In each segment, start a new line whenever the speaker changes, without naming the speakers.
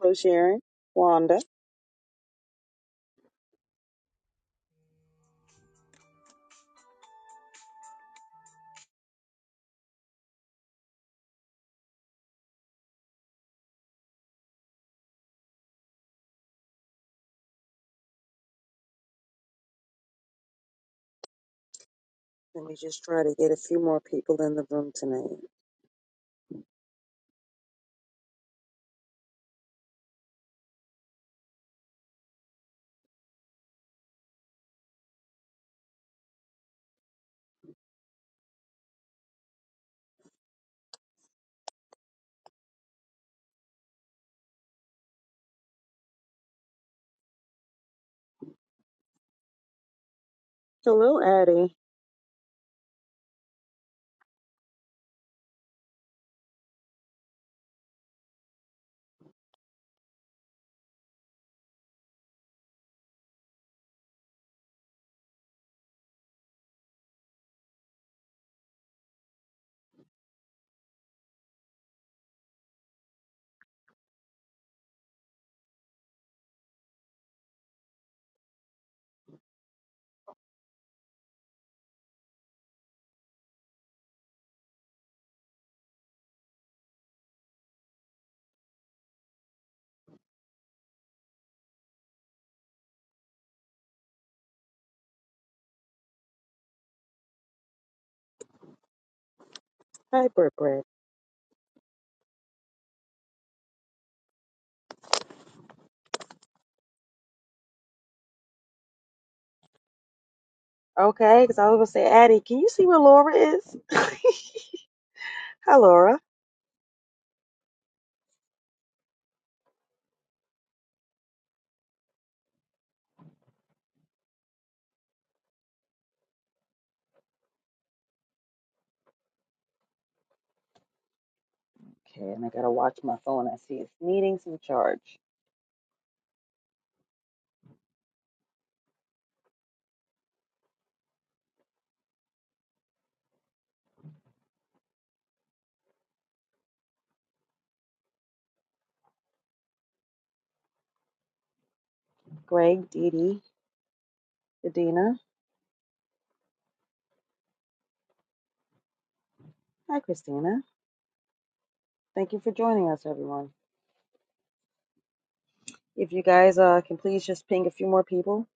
Hello, Sharon. Wanda. Let me just try to get a few more people in the room tonight. Hello, Addie. Hi, Britt Britt. Okay, because I was going to say, Addie, can you see where Laura is? Hi, Laura. Okay, and I got to watch my phone. I see it's needing some charge. Greg, Dee Dee. Adina. Hi, Christina. Thank you for joining us, everyone. If you guys uh, can please just ping a few more people.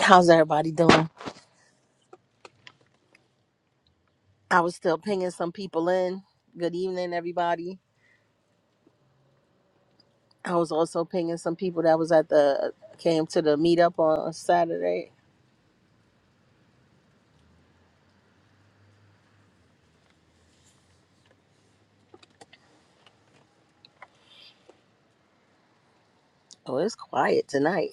How's everybody doing? I was still pinging some people in. Good evening, everybody. I was also pinging some people that was at the came to the meetup on Saturday. Oh, it's quiet tonight.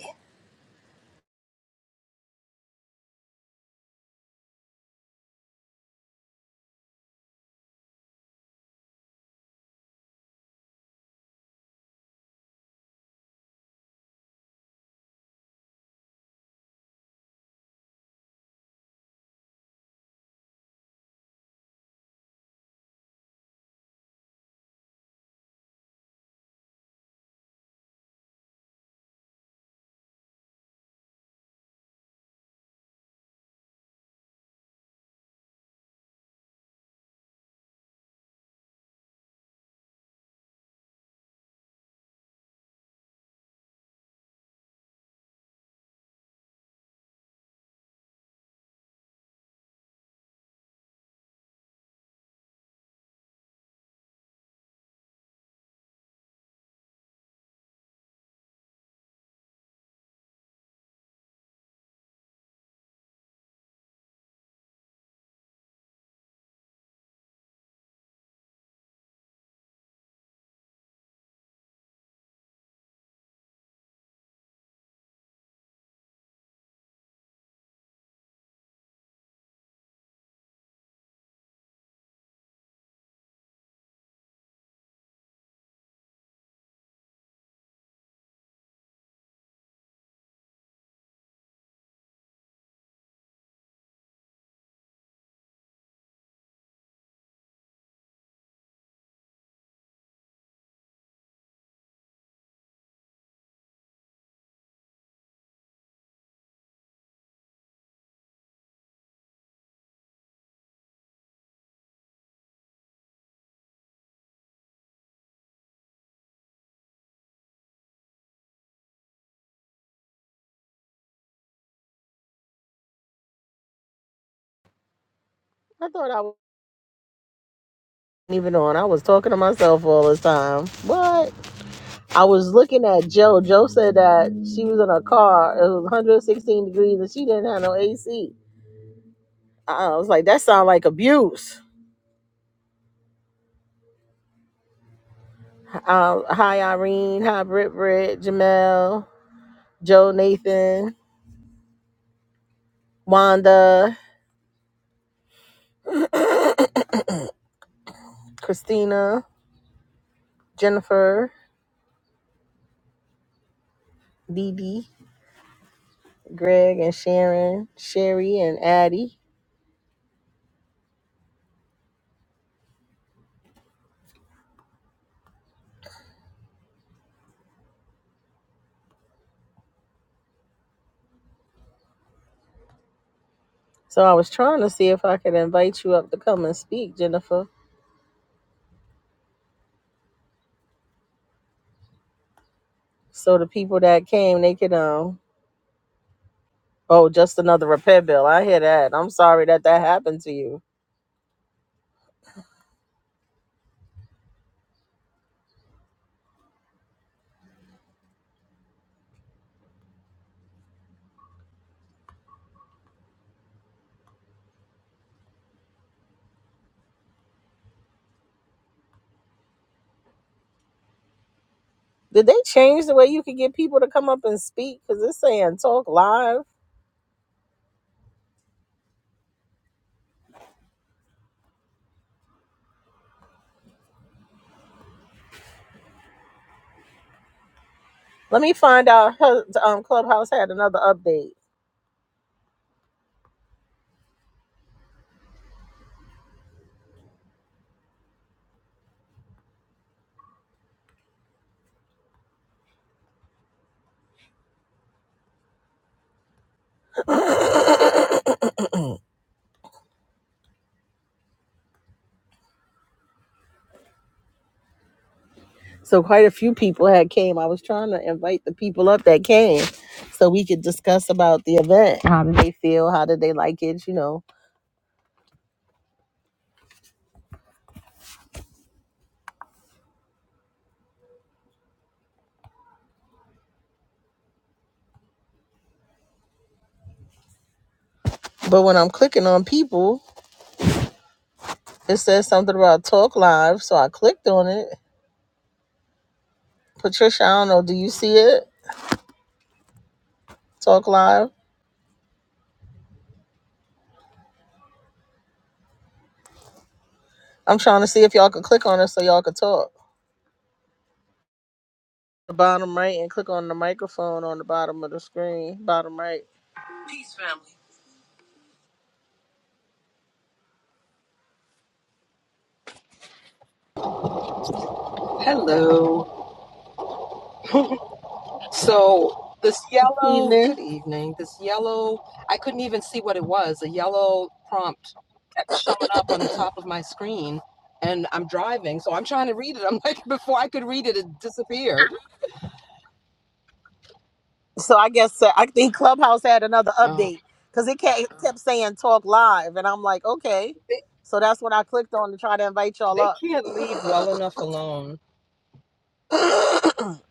I thought I wasn't even on. I was talking to myself all this time. What? I was looking at Joe. Joe said that she was in a car. It was 116 degrees and she didn't have no AC. I was like, that sounds like abuse. Um, hi, Irene. Hi, Britt Britt, Jamel, Joe Nathan. Wanda, Christina, Jennifer, Dee Dee, Greg, and Sharon, Sherry, and Addie. So I was trying to see if I could invite you up to come and speak, Jennifer. So the people that came, they could um. Oh, just another repair bill. I hear that. I'm sorry that that happened to you. Did they change the way you could get people to come up and speak? Cause it's saying talk live. Let me find out. Her, um, Clubhouse had another update. So quite a few people had came. I was trying to invite the people up that came so we could discuss about the event. How did they feel? How did they like it? You know. But when I'm clicking on people, it says something about talk live. So I clicked on it. Patricia, I don't know, do you see it? Talk live. I'm trying to see if y'all could click on it so y'all could talk. The bottom right and click on the microphone on the bottom of the screen. Bottom right.
Hello. So this yellow,
Evening.
good evening. This yellow, I couldn't even see what it was. A yellow prompt kept showing up on the top of my screen and I'm driving, so I'm trying to read it. I'm like, before I could read it, it disappeared.
So I guess uh, I think Clubhouse had another
Oh,
update because it kept, kept saying talk live, and I'm like, okay.
they,
So that's what I clicked on to try to invite y'all
they
up.
can't leave well enough alone.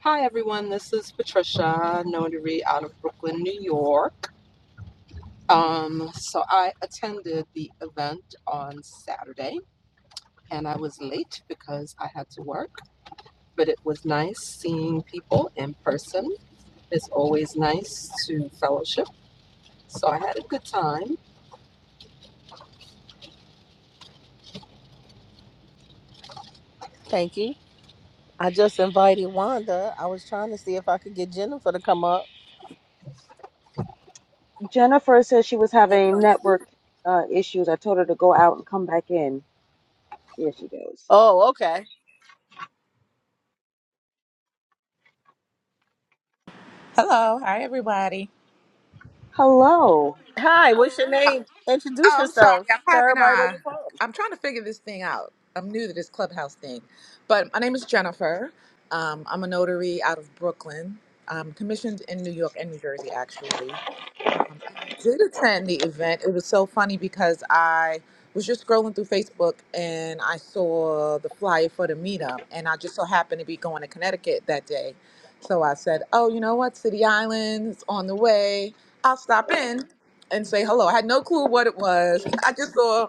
Hi, everyone. This is Patricia, notary out of Brooklyn, New York. Um, so I attended the event on Saturday and I was late because I had to work but it was nice seeing people in person. It's always nice to fellowship. So I had a good time.
Thank you. I just invited Wanda. I was trying to see if I could get Jennifer to come up
Jennifer says she was
and
having
come speak.
network uh, issues. I told her to go out and come back in. There she goes.
Oh, okay.
Hello, hi everybody.
Hello.
Hi, what's your name? Introduce
Oh, I'm sorry.
yourself.
I'm
Tell
having
everybody where
a.
you're from.
I'm trying to figure this thing out. I'm new to this clubhouse thing, but my name is Jennifer. Um, I'm a notary out of Brooklyn. I'm commissioned in New York and New Jersey, actually. Um, and I did attend the event. It was so funny because I was just scrolling through Facebook and I saw the flyer for the meetup, and I just so happened to be going to Connecticut that day. So I said, "Oh, you know what? City Island is on the way. I'll stop in and say hello." I had no clue what it was. I just saw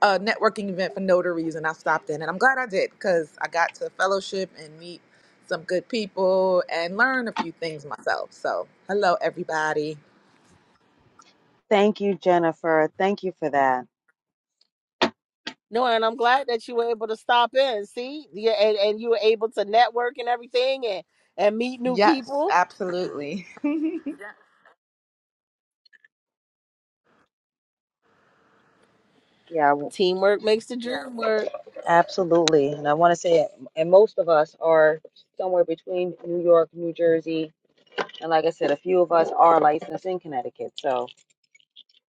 a networking event for notaries, and I stopped in, and I'm glad I did because I got to fellowship and meet some good people and learn a few things myself. So, hello, everybody.
Thank you, Jennifer. Thank you for that.
No, and I'm glad that you were able to stop in. See, yeah, and, and you were able to network and everything, and and meet new
Yes,
people.
absolutely.
Yeah, w-
Teamwork makes the dream work.
absolutely. And I want to say, and most of us are somewhere between New York, New Jersey, and like I said, a few of us are licensed in Connecticut. So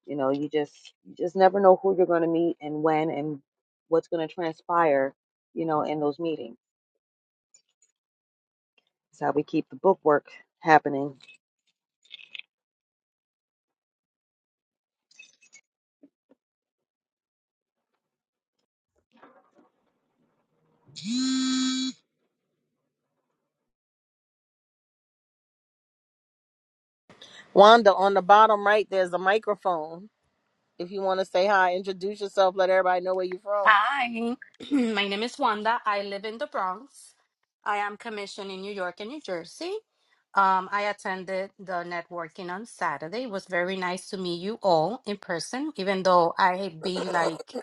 You know, you just you just never know who you're going to meet and when and what's going to transpire, you know, in those meetings. That's how we keep the book work happening.
Wanda, on the bottom right, there's a microphone. If you want to say hi, introduce yourself, let everybody know where you're from.
Hi, my name is Wanda. I live in the Bronx. I am commissioned in New York and New Jersey. Um, I attended the networking on Saturday. It was very nice to meet you all in person, even though I have been like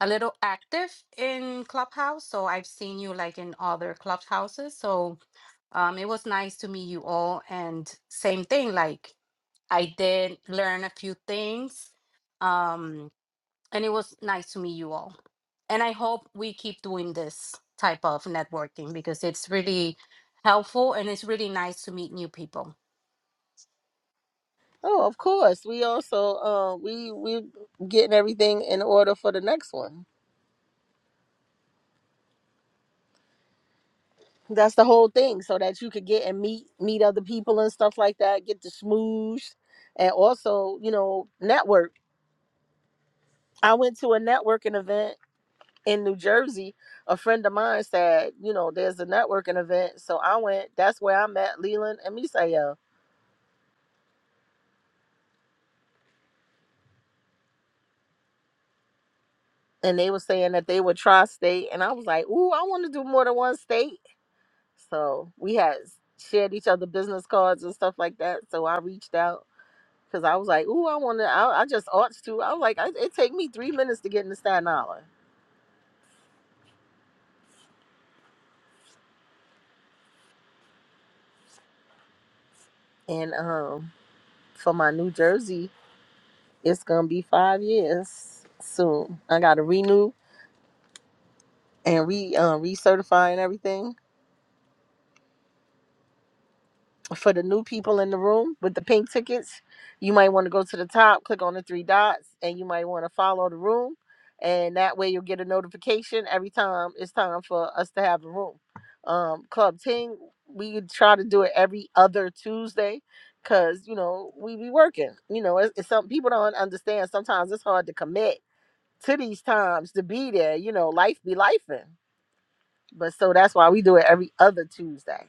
a little active in Clubhouse. So I've seen you like in other clubhouses. So um, it was nice to meet you all. And same thing, like I did learn a few things. Um, and it was nice to meet you all. And I hope we keep doing this type of networking because it's really helpful and it's really nice to meet new people.
Oh, of course. We also uh, we we getting everything in order for the next one. That's the whole thing, so that you could get and meet meet other people and stuff like that. Get to smoosh, and also you know network. I went to a networking event in New Jersey, a friend of mine said, you know, there's a networking event. So I went, that's where I met Leland and Misael. And they were saying that they would try state. And I was like, ooh, I want to do more than one state. So we had shared each other business cards and stuff like that. So I reached out because I was like, ooh, I want to, I, I just ought to. I was like, I, it take me three minutes to get into Staten Island. And um, for my New Jersey, it's going to be five years soon. I got to renew and re uh, recertifying everything for the new people in the room with the pink tickets you might want to go to the top click on the three dots and you might want to follow the room and that way you'll get a notification every time it's time for us to have a room um club ting we try to do it every other tuesday because you know we be working you know it's, it's some people don't understand sometimes it's hard to commit to these times to be there you know life be lifing, but so that's why we do it every other tuesday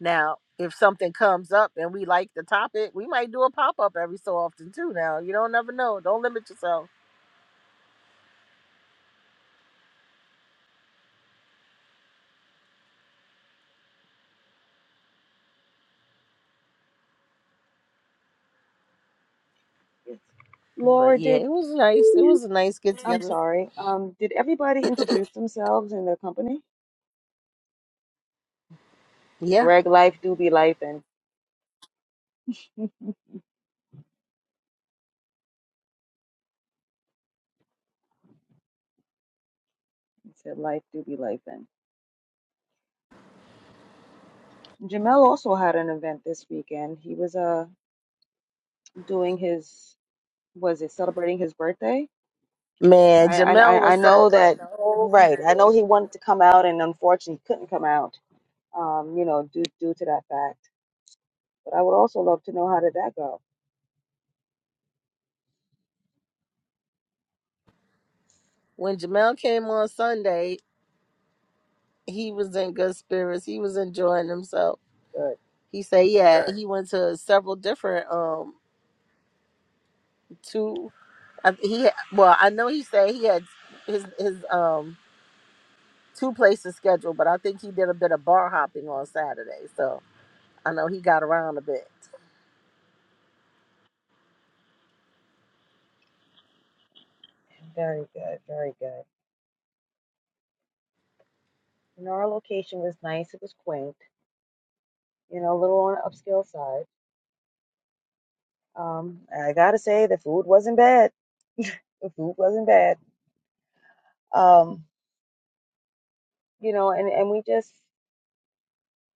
Now, if something comes up and we like the topic, we might do a pop up every so often too. Now, you don't never know. Don't limit yourself.
Yes.
But
Laura
yeah,
did
it was nice. It was a nice get
I'm
together.
sorry. Um did everybody introduce themselves and their company?
Yeah,
Greg Life do be life and he said life do be life and Jamel also had an event this weekend. He was uh doing his was it celebrating his birthday?
man,
I, I
Jamel
I I
was
know
celebrating
that
the whole
right. I know
day.
he wanted to come out, and unfortunately couldn't come out. Um, you know, due due to that fact. But I would also love to know how did that go.
When Jamel came on Sunday, he was in good spirits. He was enjoying himself.
Good,
He said, yeah, he went to several different um two. I- He well, I know he said he had his his um two places scheduled, but I think he did a bit of bar hopping on Saturday, so I know he got around a bit.
very good, very good. And our location was nice. It was quaint. You know, a little on the upscale side. Um, I gotta say the food wasn't bad. The food wasn't bad. Um, you know, and and we just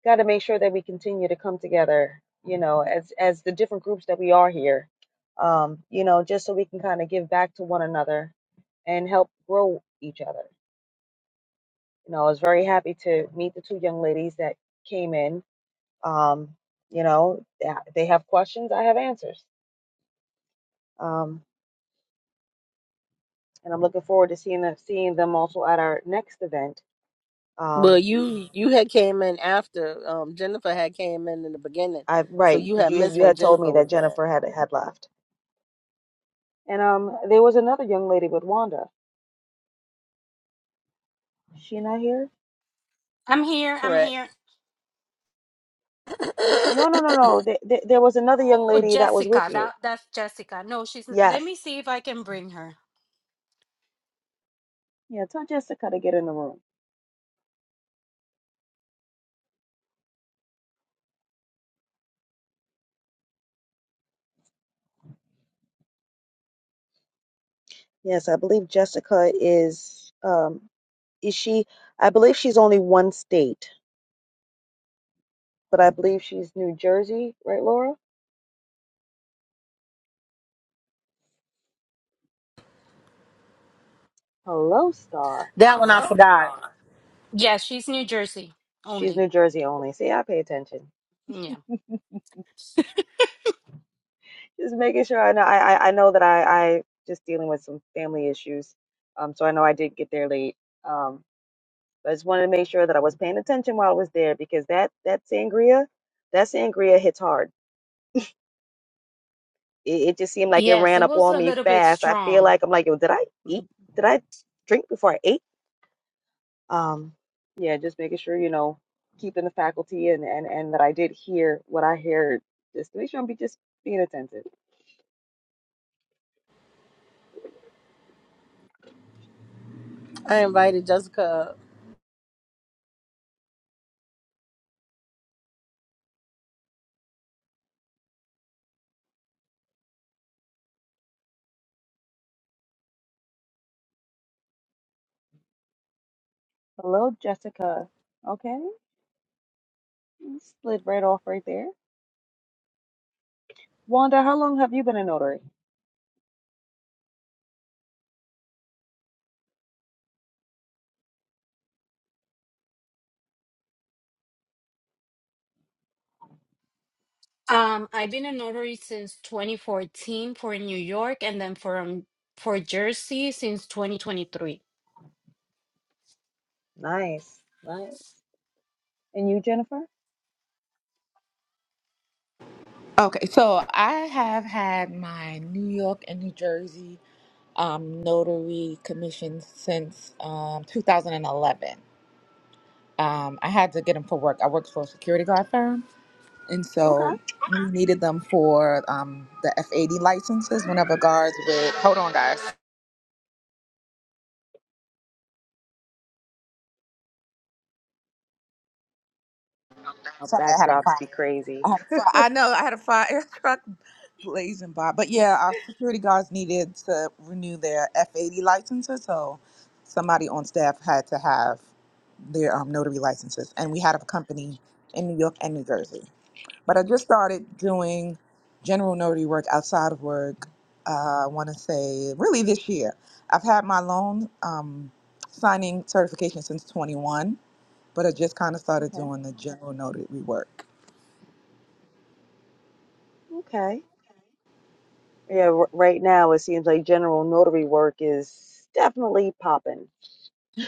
got to make sure that we continue to come together, you know, as as the different groups that we are here, um, you know, just so we can kind of give back to one another and help grow each other. You know, I was very happy to meet the two young ladies that came in. Um, you know, yeah, they have questions, I have answers, um, and I'm looking forward to seeing them, seeing them also at our next event.
Well,
Um,
you you had came in after um, Jennifer had came in in the beginning,
I
so
right
you
because
had
you
missed
you
when
had told
Jennifer
me that
was there.
Jennifer had had left, and um, there was another young lady with Wanda. Is she not here?
I'm here. I'm
Correct.
here.
No, no,
that
no, no. Th- th- there was another young
Oh,
lady that was with
Jessica.
you.
That that's Jessica. No, she's. Let
Yes.
me see if I can bring her.
Yeah, tell Jessica to get in the room. Yes, I believe Jessica is um is she I believe she's only one state, but I believe she's New Jersey, right, Laura? Hello, Star.
one I forgot.
Yes, she's New Jersey
She's
only.
New Jersey only. See, I pay attention.
Yeah.
Just making sure I know I I, I know that I I just dealing with some family issues. Um so I know I did get there late. Um. I just wanted to make sure that I was paying attention while I was there because that that sangria, that sangria hits hard. It, it just seemed like it
Yes,
ran
it
up
was
on
a
me
little bit
fast. I feel
strong.
like I'm like, yo, did I eat? Did I drink before I ate? Um, yeah, just making sure you know, keeping the faculty and and and that I did hear what I heard, just to make sure I'm be just being attentive.
I invited Jessica.
Hello, Jessica. Okay, you slid right off right there. Wanda, how long have you been a notary?
Um, I've been a notary since 2014 for New York and then from for Jersey since 2023.
Nice, nice. And you, Jennifer?
Okay, so I have had my New York and New Jersey um, notary commissions since um, 2011. Um, I had to get them for work. I worked for a security guard firm, and
Okay,
so we needed them for um, the F80 licenses whenever guards would. Hold on, guys.
Our
Sorry, I had a
backdrops
fire.
be crazy.
I had a fire. I know I had a fire truck blazing by. But yeah, our security guards needed to renew their F eighty licenses, so somebody on staff had to have their um, notary licenses, and we had a company in New York and New Jersey. But I just started doing general notary work outside of work. Uh, I want to say really this year. I've had my loan um, signing certification since twenty one, but I just kind of started
okay.
doing the general notary work.
Okay. Yeah, r- right now it seems like general notary work is definitely popping.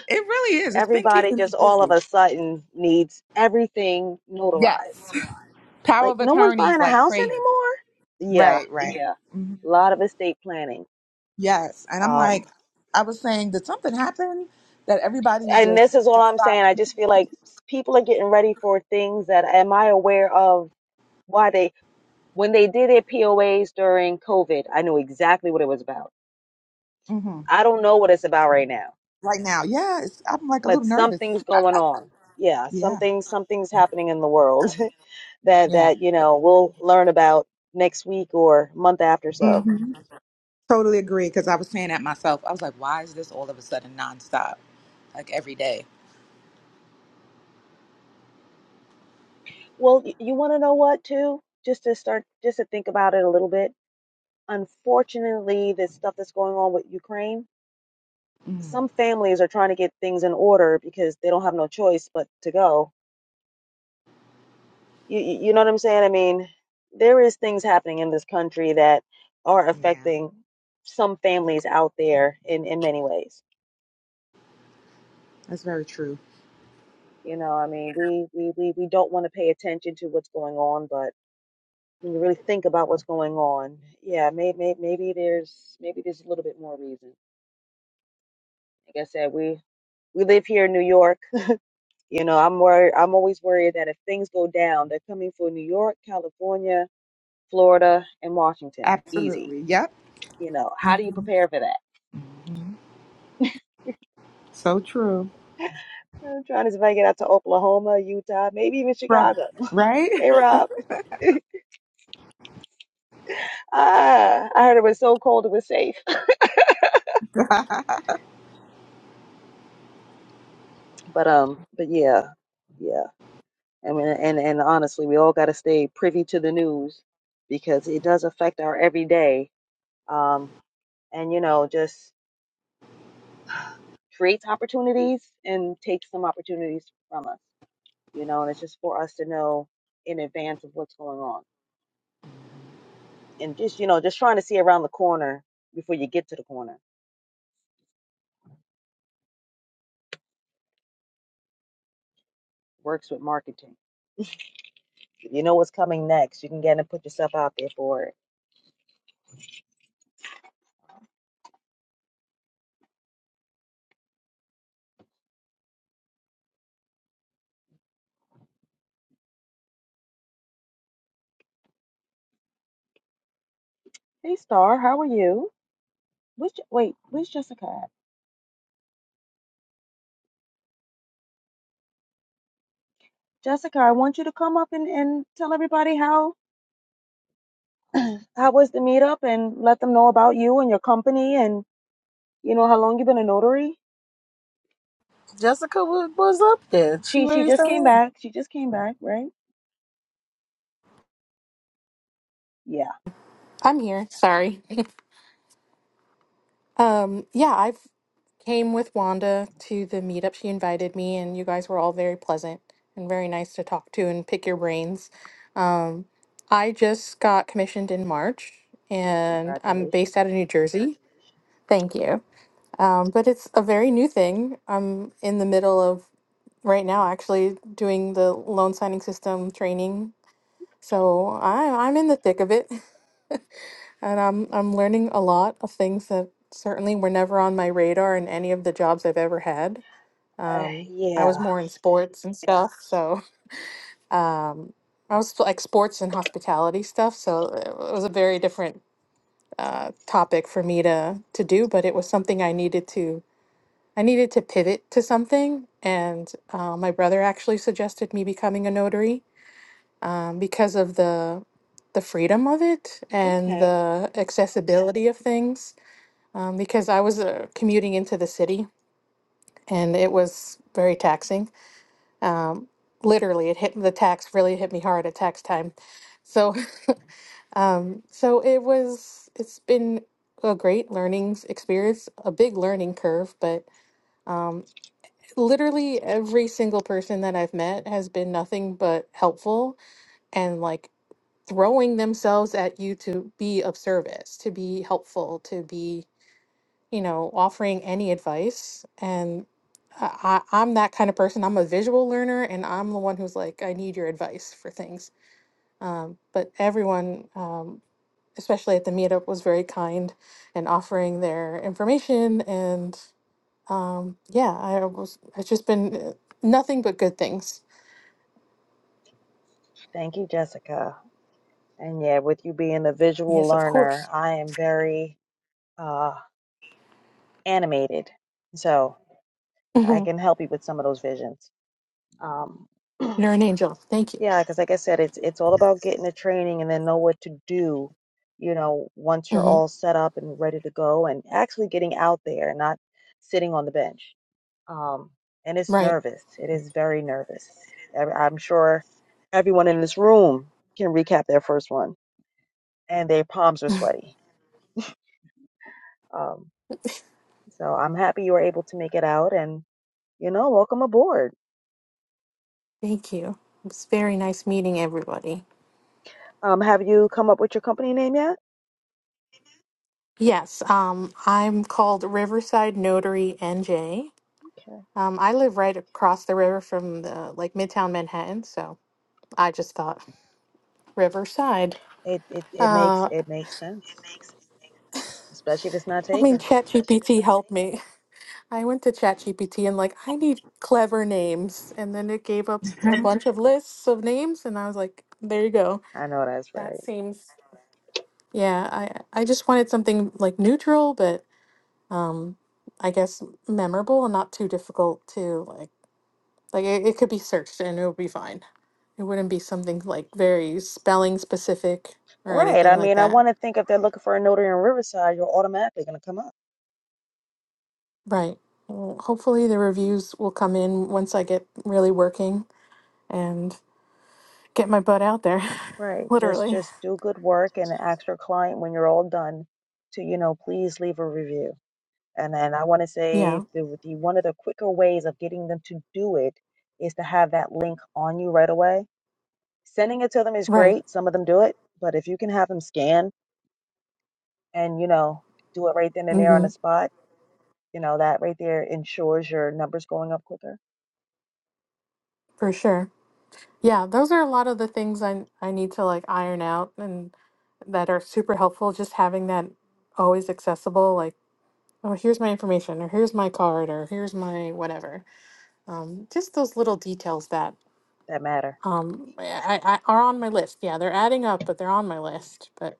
It really is. It's been
Everybody
keeping me
just all of
busy.
a sudden needs everything
Yes.
notarized.
Power
Like
of
no one's
attorneys
buying a
like
house
crazy.
anymore. Yeah,
Right, right.
yeah.
Mhm.
A lot of estate planning.
Yes. And I'm like,
Um,
I was saying, did something happen that everybody's
and
just
this is all I'm saying. I
deciding
just feel like people are getting ready for things that am I aware of why they when they did their POAs during COVID, I knew exactly what it was about.
hmm
I don't know what it's about right now,
right now? Yeah. It's, I'm like a
but
little nervous.
something's going on. Yeah,
Yeah.
something something's happening in the world. that
Yeah.
that you know we'll learn about next week or month after so
hmm Totally agree. Because I was saying that myself. I was like, why is this all of a sudden nonstop? Like every day.
well y- you want to know what too just to start just to think about it a little bit unfortunately this stuff that's going on with ukraine
Mm.
some families are trying to get things in order because they don't have no choice but to go you, you you know what i'm saying i mean there is things happening in this country that are
Yeah.
affecting some families out there in in many ways
That's very true.
you know i mean we we we, we don't want to pay attention to what's going on but when you really think about what's going on, yeah, may, may, maybe there's maybe there's a little bit more reason. Like I said, we we live here in New York. You know, I'm worried. I'm always worried that if things go down, they're coming for New York, California, Florida, and Washington. Easy.
Absolutely. Yep.
You know, how do you prepare for that?
hmm So true.
I'm trying to see if I can get out to Oklahoma, Utah, maybe even
Right.
Chicago.
Right?
Hey, Rob. Ah, I heard it was so cold it was safe.
I
But um, but yeah, yeah. I mean, and and honestly, we all got to stay privy to the news because it does affect our everyday. Um, and you know, just creates opportunities and takes some opportunities from us. You know, and it's just for us to know in advance of what's going on, and just you know, just trying to see around the corner before you get to the corner. Works with marketing. You know what's coming next. You can get in and put yourself out there for it. Hey, Star, how are you? Where's, Je- wait, where's Jessica? at? Jessica, I want you to come up and, and tell everybody how How was the meetup? And let them know about you and your company and you know how long you've been a notary.
Jessica was, was up there. She
She she
raised
just came
her hand.
back. She just came back, right? Yeah.
I'm here. Sorry. Um, yeah, I came with Wanda to the meetup. She invited me, and you guys were all very pleasant and very nice to talk to and pick your brains. Um, I just got commissioned in March, and I'm
Congratulations.
based out of New Jersey. Thank you. Um, but it's a very new thing. I'm in the middle of right now actually doing the loan signing system training. So I, I'm in the thick of it. And I'm I'm learning a lot of things that certainly were never on my radar in any of the jobs I've ever had.
Uh,
Um, I was
yeah.
more in sports and stuff, so um, I was like sports and hospitality stuff. So it was a very different uh, topic for me to to do, but it was something I needed to I needed to pivot to something. And uh, my brother actually suggested me becoming a notary um, because of the the freedom of it and
Okay.
the accessibility of things um, because I was uh, commuting into the city and it was very taxing. Um, literally, it hit the tax really hit me hard at tax time. So, um, so it was. It's been a great learning experience, a big learning curve, but um, literally every single person that I've met has been nothing but helpful and like throwing themselves at you to be of service, to be helpful, to be you know, offering any advice. And I, I, I'm that kind of person. I'm a visual learner, and I'm the one who's like, I need your advice for things. Um, but everyone, um, especially at the meetup, was very kind and offering their information. And um, yeah, I was. It's just been uh, nothing but good things.
Thank you, Jessica. And yeah, with you being a visual
Yes, of
learner,
course.
I am very uh animated. So I
hmm
can help you with some of those visions. Um
You're an angel. Thank you.
Yeah, because like I said, it's it's all about getting the training and then know what to do, you know, once you're
hmm
all set up and ready to go and actually getting out there and not sitting on the bench. Um, and it's
Right.
nervous. It is very nervous. Every- I'm sure everyone in this room can recap their first one and their palms are sweaty. Um, so I'm happy you were able to make it out and, you know, welcome aboard.
Thank you. It was very nice meeting everybody.
Um, have you come up with your company name yet?
Yes, um, I'm called Riverside Notary NJ.
Okay.
Um, I live right across the river from the like Midtown Manhattan, so I just thought Riverside.
It it it makes
Uh,
it makes sense. especially if it's not
I mean,
taken.
ChatGPT helped me. I went to ChatGPT and like I need clever names, and then it gave up a bunch of lists of names, and I was like, there you go.
I know that's
That
right.
seems yeah. I I just wanted something like neutral, but um, I guess memorable and not too difficult to like. Like it, it could be searched and it would be fine. It wouldn't be something like very spelling specific or
Right.
anything
I
like
mean, I
that.
want to think if they're looking for a notary in Riverside, you're automatically going to come up.
Right. Well, hopefully the reviews will come in once I get really working and get my butt out there.
Right. Just
Literally.
just do good work and ask your client when you're all done to, you know, please leave a review. And then I want to say
Yeah.
the, the one of the quicker ways of getting them to do it is to have that link on you right away. Sending it to them is
Right.
great. Some of them do it, but if you can have them scan and, you know, do it right then and there on
Mm-hmm.
the spot, you know, that right there ensures your numbers going up quicker
For sure. Yeah, those are a lot of the things I I need to like iron out and that are super helpful. Just having that always accessible, like, oh, here's my information, or here's my card, or here's my whatever Um, just those little details that
that matter.
um, I, I, are on my list. Yeah, they're adding up, but they're on my list. But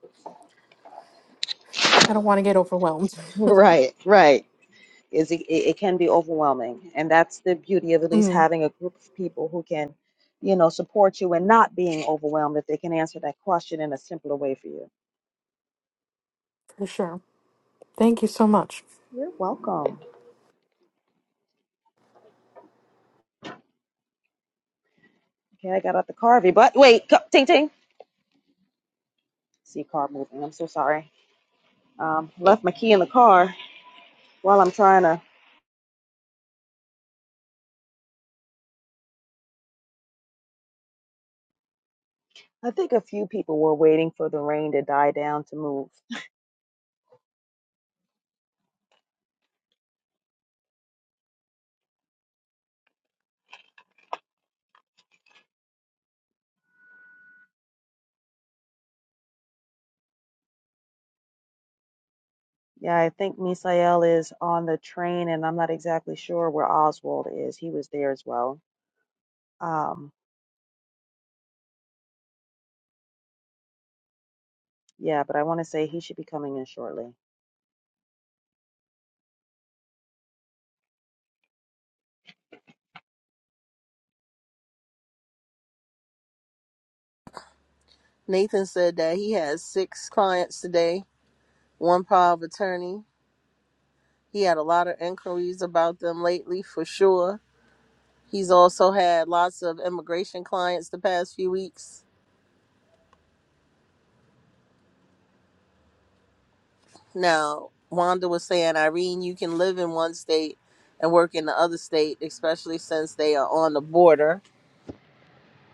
I don't want to get overwhelmed.
Right, right. Is it, it it can be overwhelming, and that's the beauty of at least
Mm,
having a group of people who can, you know, support you and not being overwhelmed if they can answer that question in a simpler way for you.
for sure. Thank you so much.
You're welcome. Okay, I got out the Carvey, but wait, co- ting ting. See car moving. I'm so sorry. Um, left my key in the car while I'm trying to. I think a few people were waiting for the rain to die down to move. Yeah, I think Misael is on the train, and I'm not exactly sure where Oswald is. He was there as well. Um, yeah, but I want to say he should be coming in shortly.
Nathan said that he had six clients today, one power of attorney. He had a lot of inquiries about them lately, for sure He's also had lots of immigration clients the past few weeks. Now, Wanda was saying, Irene, you can live in one state and work in the other state, especially since they are on the border.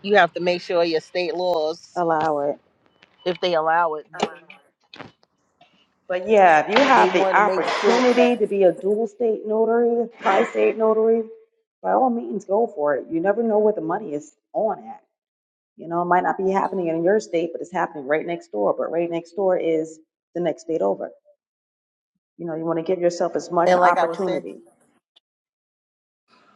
You have to make sure your state laws,
Allow it.
if they allow it,
But yeah, if you
they
have the
want to make sure
opportunity to
that.
be a dual state notary, tri state notary, by all means, go for it. You never know where the money is on at. You know, it might not be happening in your state, but it's happening right next door. But right next door is the next state over. You know, you want to give yourself as much
And like I was saying,
opportunity.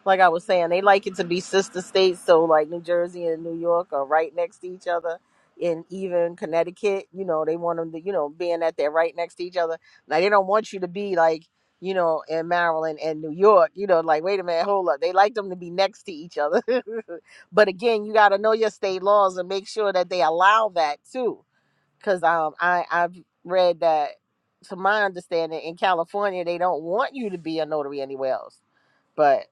like I was saying, they like it to be sister states. So like New Jersey and New York are right next to each other, and even Connecticut. You know, they want them to, you know, being that they're right next to each other. Now they don't want you to be like, you know, in Maryland and New York. You know, like wait a minute, hold up. They like them to be next to each other. but again, you got to know your state laws and make sure that they allow that too. Because um, I I've read that. To my understanding, in California, they don't want you to be a notary anywhere else. but.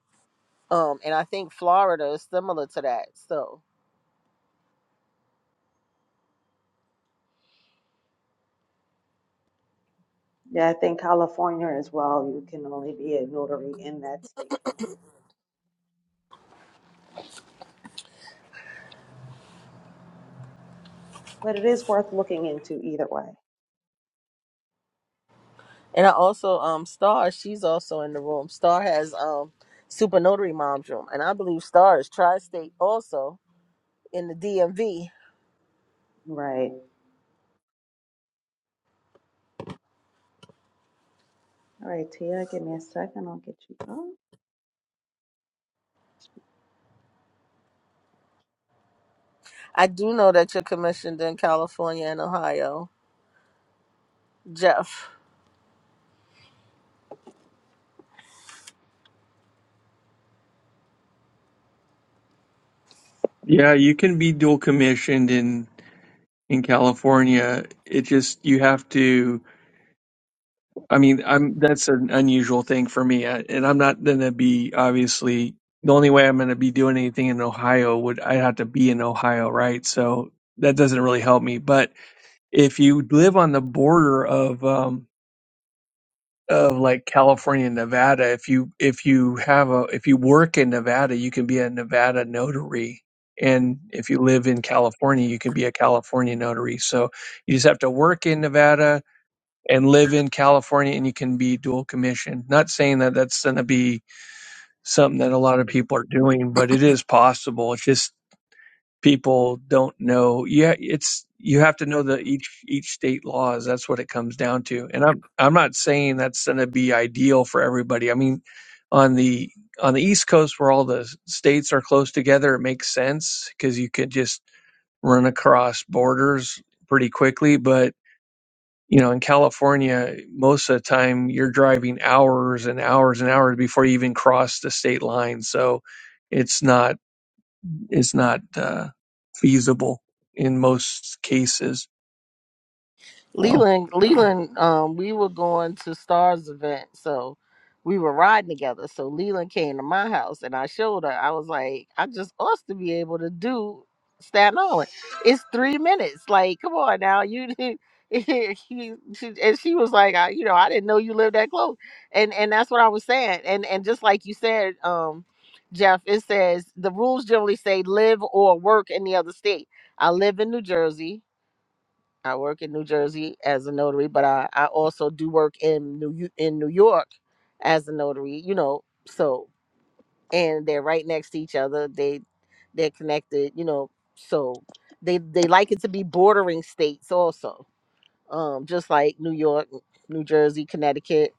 Um, and I think Florida is similar to that. So,
Yeah, I think California as well, you can only be a notary in that state. But it is worth looking into either way.
and I also um Star, she's also in the room. Star has um Super Notary Mom's room, and I believe Star is tri-state also in the DMV.
Right. All right, Tia, give me a second. I'll get you up.
I do know that you're commissioned in California and Ohio, Jeff.
Yeah, you can be dual commissioned in in California. It just you have to. I mean, I'm that's an unusual thing for me, I, and I'm not going to be obviously the only way I'm going to be doing anything in Ohio would I'd have to be in Ohio, right? So that doesn't really help me. But if you live on the border of um, of like California, and Nevada. If you if you have a if you work in Nevada, you can be a Nevada notary, and if you live in California, you can be a California notary. So you just have to work in Nevada and live in California, and you can be dual commission. Not saying that that's going to be something that a lot of people are doing, but it is possible. It's just people don't know. Yeah, it's you have to know the each each state laws. That's what it comes down to. And I'm I'm not saying that's going to be ideal for everybody. I mean, on the on the East Coast where all the states are close together, it makes sense because you could just run across borders pretty quickly. But you know, in California, most of the time you're driving hours and hours and hours before you even cross the state line. So it's not is not uh, feasible in most cases. So
Leland, Leland, um, we were going to Stars event, so we were riding together. So Leland came to my house, and I showed her. I was like, I just ought to be able to do Staten Island. It's three minutes. Like, come on now, you. did- he- she- and she was like, I, you know, I didn't know you lived that close, and and that's what I was saying. And and just like you said, um, Jeff, it says the rules generally say live or work in the other state. I live in New Jersey. I work in New Jersey as a notary, but I, I also do work in New Yo- in New York as a notary, you know. So and they're right next to each other. They they're connected, you know. So they they like it to be bordering states also. Um just like New York, New Jersey, Connecticut,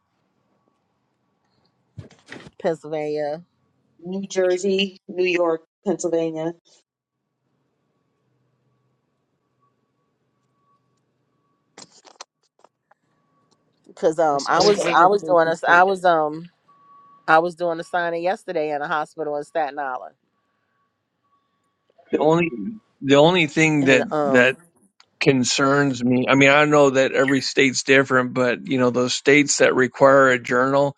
Pennsylvania
New Jersey, New York, Pennsylvania.
cuz um
That's
I
always
was
the
I was doing
adjacent
this I
state.
was um I was doing a signing yesterday in a hospital in Staten Island.
the only the only thing
And
that
um
that concerns me, I mean, I know that every state's different, but you know, those states that require a journal,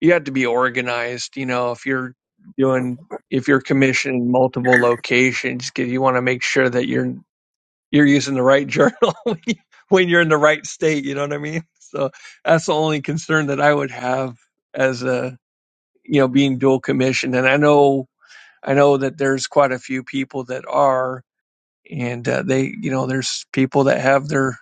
you have to be organized. You know, if you're doing if you're commissioning multiple locations, 'cause you want to make sure that you're you're using the right journal when you- when you're in the right state. You know what I mean? So that's the only concern that I would have as a you know, being dual commissioned. And I know, I know that there's quite a few people that are, and uh, they, you know, there's people that have their,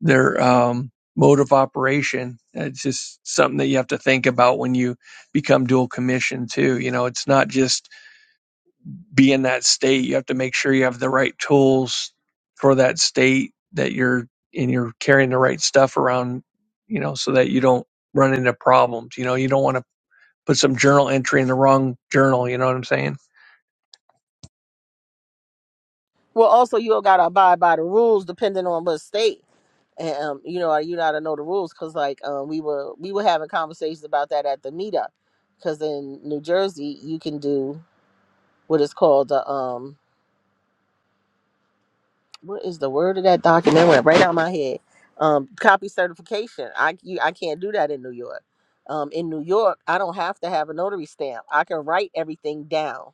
their, um, mode of operation. It's just something that you have to think about when you become dual commissioned too. You know, it's not just be in that state. You have to make sure you have the right tools for that state that you're, and you're carrying the right stuff around, you know, so that you don't run into problems. You know, you don't want to put some journal entry in the wrong journal. You know what I'm saying?
Well, also you got to abide by the rules depending on what state. And um, you know, you gotta know the rules because like um, we were we were having conversations about that at the meetup because in New Jersey you can do what is called the um what is the word of that document It went right out of my head um copy certification. I you, I can't do that in New York. Um, in New York, I don't have to have a notary stamp. I can write everything down.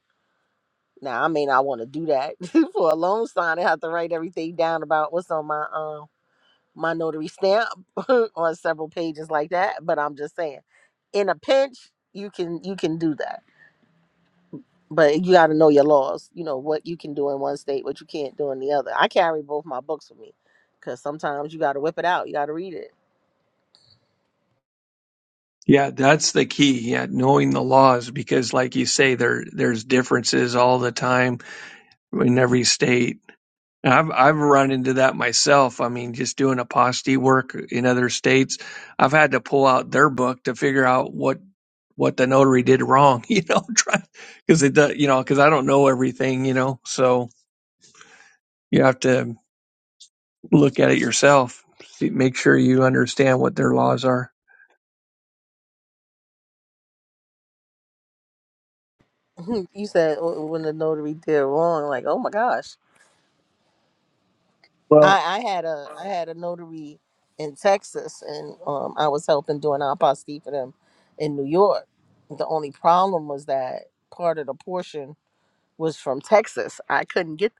Now I may not want to do that for a loan sign. I have to write everything down about what's on my um my notary stamp on several pages like that. But I'm just saying, in a pinch, you can you can do that. But you got to know your laws. You know what you can do in one state, what you can't do in the other. I carry both my books with me, because sometimes you got to whip it out. You got to read it.
Yeah, that's the key. Yeah, knowing the laws because, like you say, there there's differences all the time in every state. And I've I've run into that myself. I mean, just doing aposty work in other states, I've had to pull out their book to figure out what what the notary did wrong, you know, try because it does, you know, because I don't know everything, you know, so you have to look at it yourself, see, make sure you understand what their laws are.
you said "Oh, when the notary did wrong, like oh my gosh.
Well,
I, I had a I had a notary in Texas, and um, I was helping doing an apostille for them in New York. The only problem was that part of the portion was from Texas. I couldn't get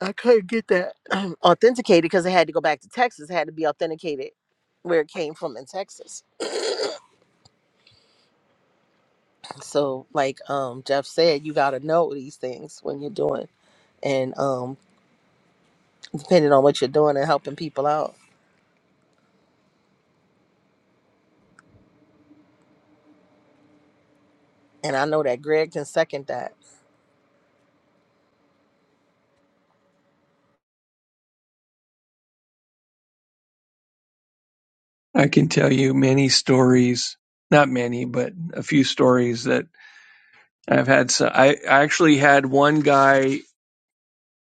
I couldn't get that authenticated because it had to go back to Texas. It had to be authenticated where it came from in Texas. So, like um, Jeff said, you got to know these things when you're doing, and um, depending on what you're doing and helping people out. And I know that Greg can second that.
I can tell you many stories, not many, but a few stories that I've had. So I, I actually had one guy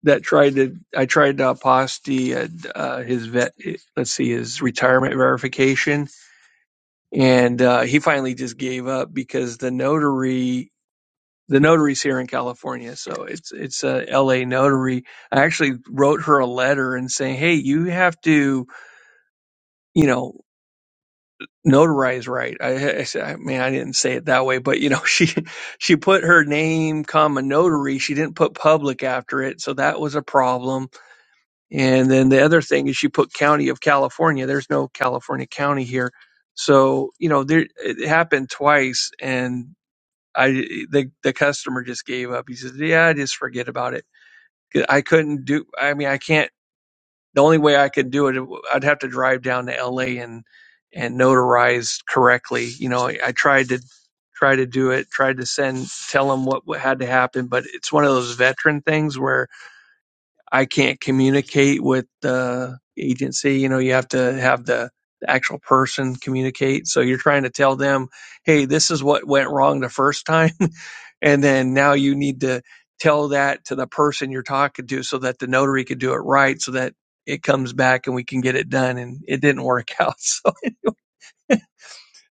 that tried to, I tried to aposty uh, uh, his vet, let's see, his retirement verification. And uh, he finally just gave up because the notary the notary's here in California, so it's it's a LA notary. I actually wrote her a letter and saying, "Hey, you have to, you know, notarize right." I, I said, "I mean, I didn't say it that way, but you know, she she put her name, comma notary. She didn't put public after it, so that was a problem. And then the other thing is she put county of California. There's no California county here, so you know, there it happened twice, and I the the customer just gave up. He says, "Yeah, just forget about it." I couldn't do. I mean, I can't. The only way I could do it, I'd have to drive down to LA and and notarize correctly. You know, I I tried to try to do it, tried to send tell them what, what had to happen, but it's one of those veteran things where I can't communicate with the agency. You know, you have to have the, the actual person communicate. So you're trying to tell them, hey, this is what went wrong the first time. and then now you need to tell that to the person you're talking to so that the notary could do it right so that it comes back and we can get it done. And it didn't work out.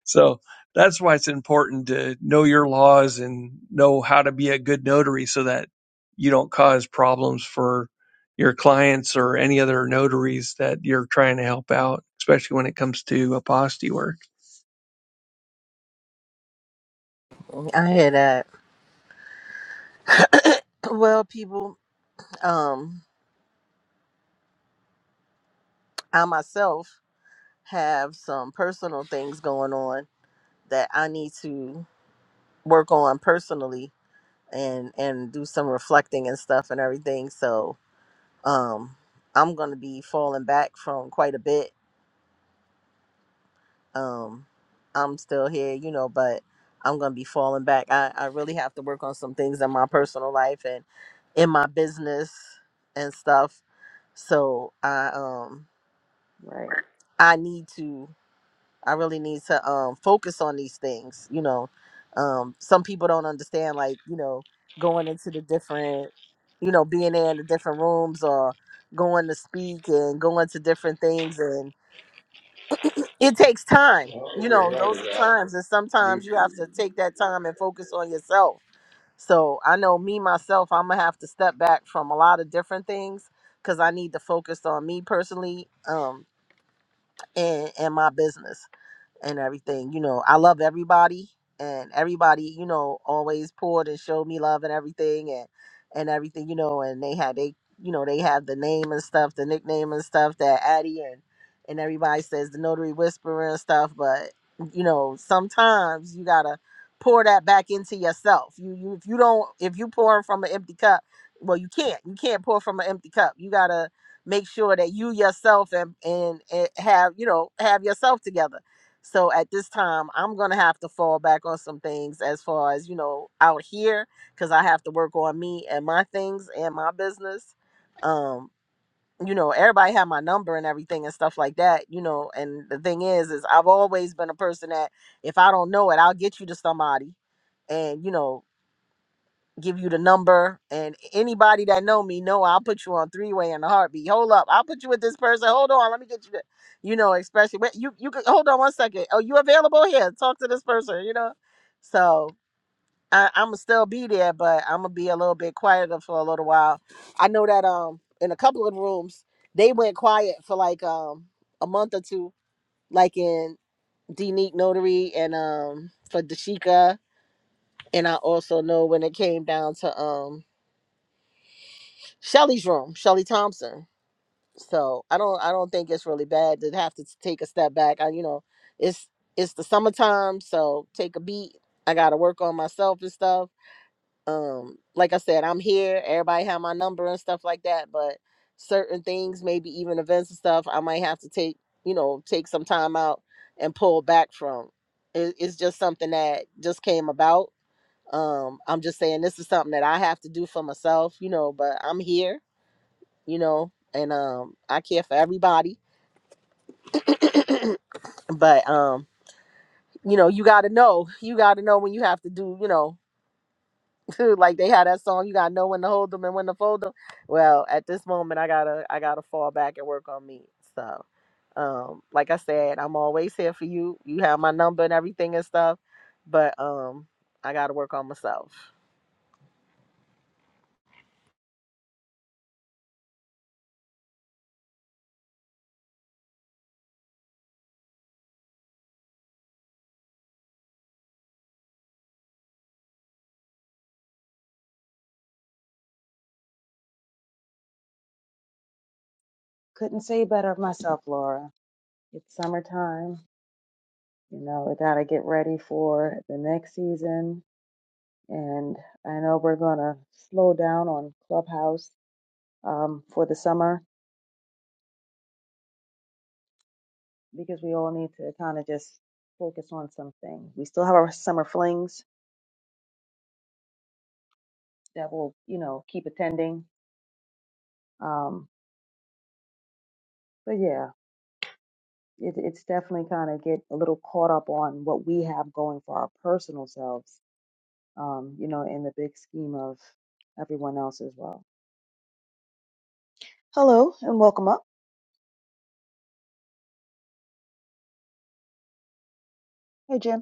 So that's why it's important to know your laws and know how to be a good notary so that you don't cause problems for your clients or any other notaries that you're trying to help out, especially when it comes to aposty work.
I hear that. Well, people, um, I myself have some personal things going on that I need to work on personally and and do some reflecting and stuff and everything. So, um, I'm gonna be falling back from quite a bit. Um, I'm still here, you know, but I'm gonna be falling back. I I really have to work on some things in my personal life and in my business and stuff. So I um
Right.
I need to. I really need to um focus on these things, you know. Um some people don't understand like, you know, going into the different, you know, being there in the different rooms or going to speak and going to different things and it takes time. You know, those are times and sometimes you have to take that time and focus on yourself. So, I know me myself, I'm going to have to step back from a lot of different things cuz I need to focus on me personally um and and my business and everything. You know, I love everybody and everybody, you know, always poured and showed me love and everything and and everything, you know, and they had they you know, they have the name and stuff, the nickname and stuff that Addie and and everybody says the notary whisperer and stuff, but you know, sometimes you gotta pour that back into yourself. You you if you don't if you pour from an empty cup, well you can't. You can't pour from an empty cup. You gotta make sure that you yourself and and, and have you know have yourself together so at this time, I'm going to have to fall back on some things as far as, you know, out here, because I have to work on me and my things and my business. Um, you know, everybody had my number and everything and stuff like that, you know. And the thing is, is I've always been a person that if I don't know it, I'll get you to somebody. And, you know, give you the number and anybody that know me know I'll put you on three way in a heartbeat. Hold up, I'll put you with this person. Hold on, let me get you the, you know, especially wait, you you could hold on one second. Oh, you available here? Talk to this person, you know. So I, I'm gonna still be there, but I'm gonna be a little bit quieter for a little while. I know that um in a couple of rooms they went quiet for like um a month or two, like in Denique Notary and um for Dashika. And I also know when it came down to um Shelly's room, Shelly Thompson. So I don't I don't think it's really bad to have to take a step back. I you know, it's it's the summertime, so take a beat. I gotta work on myself and stuff. Um, like I said, I'm here. Everybody have my number and stuff like that, but certain things, maybe even events and stuff, I might have to take, you know, take some time out and pull back from. It, it's just something that just came about. Um, I'm just saying this is something that I have to do for myself, you know, but I'm here you know, and um I care for everybody. but um, you know, you gotta know. You gotta know when you have to do, you know, like they had that song, you gotta know when to hold them and when to fold them. Well, at this moment I gotta I gotta fall back and work on me. So um, like I said, I'm always here for you. You have my number and everything and stuff. But um I gotta work on myself.
Couldn't say better myself, Laura. It's summertime. You know, we got to get ready for the next season. And I know we're going to slow down on Clubhouse um, for the summer because we all need to kind of just focus on something. We still have our summer flings that will, you know, keep attending. Um, but yeah, it, it's definitely kind of get a little caught up on what we have going for our personal selves, um, you know, in the big scheme of everyone else as well. Hello and welcome up. Hey, Jim.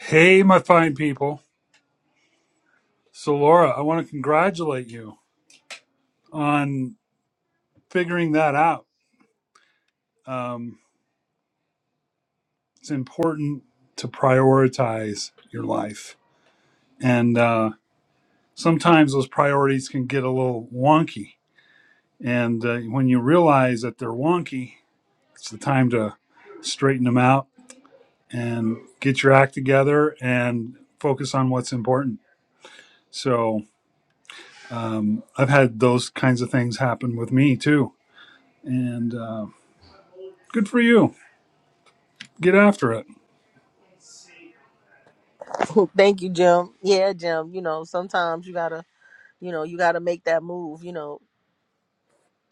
Hey, my fine people. So, Laura, I want to congratulate you on figuring that out. Um, it's important to prioritize your life. And uh, sometimes those priorities can get a little wonky. And uh, when you realize that they're wonky, it's the time to straighten them out and get your act together and focus on what's important. So, I've had those kinds of things happen with me too. And uh, good for you get after it.
Thank you, Jim. Yeah, Jim. You know, sometimes you gotta, you know, you gotta make that move. You know,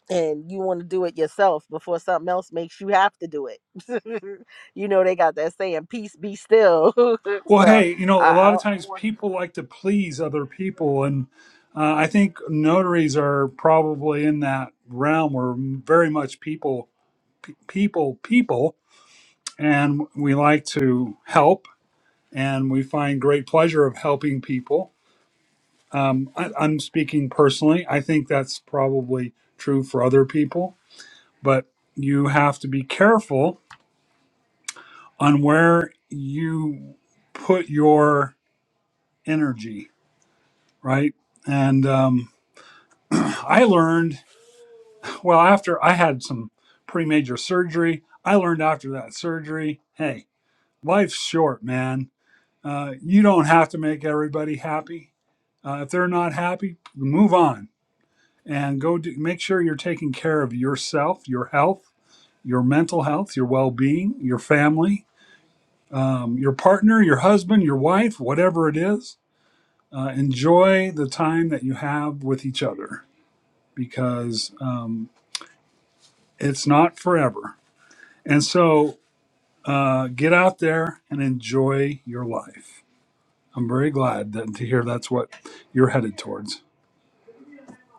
and you want to do it yourself before something else makes you have to do it. you know they got that saying, "Peace be still."
Well,
so
hey, you know,
I,
a
I,
lot of
I
times
want.
people like to please other people, and uh, I think notaries are probably in that realm. We're very much people, pe- people, people, and we like to help, and we find great pleasure of helping people. I, I'm speaking personally. I think that's probably true for other people, but you have to be careful on where you put your energy right? And um, I learned, well, after I had some pretty major surgery, I learned after that surgery hey, life's short, man. Uh, you don't have to make everybody happy. Uh, if they're not happy, move on and go do, make sure you're taking care of yourself, your health, your mental health, your well being, your family, um, your partner, your husband, your wife, whatever it is. Uh, enjoy the time that you have with each other because um, It's not forever. And so uh, get out there and enjoy your life. I'm very glad that, to hear that's what you're headed towards.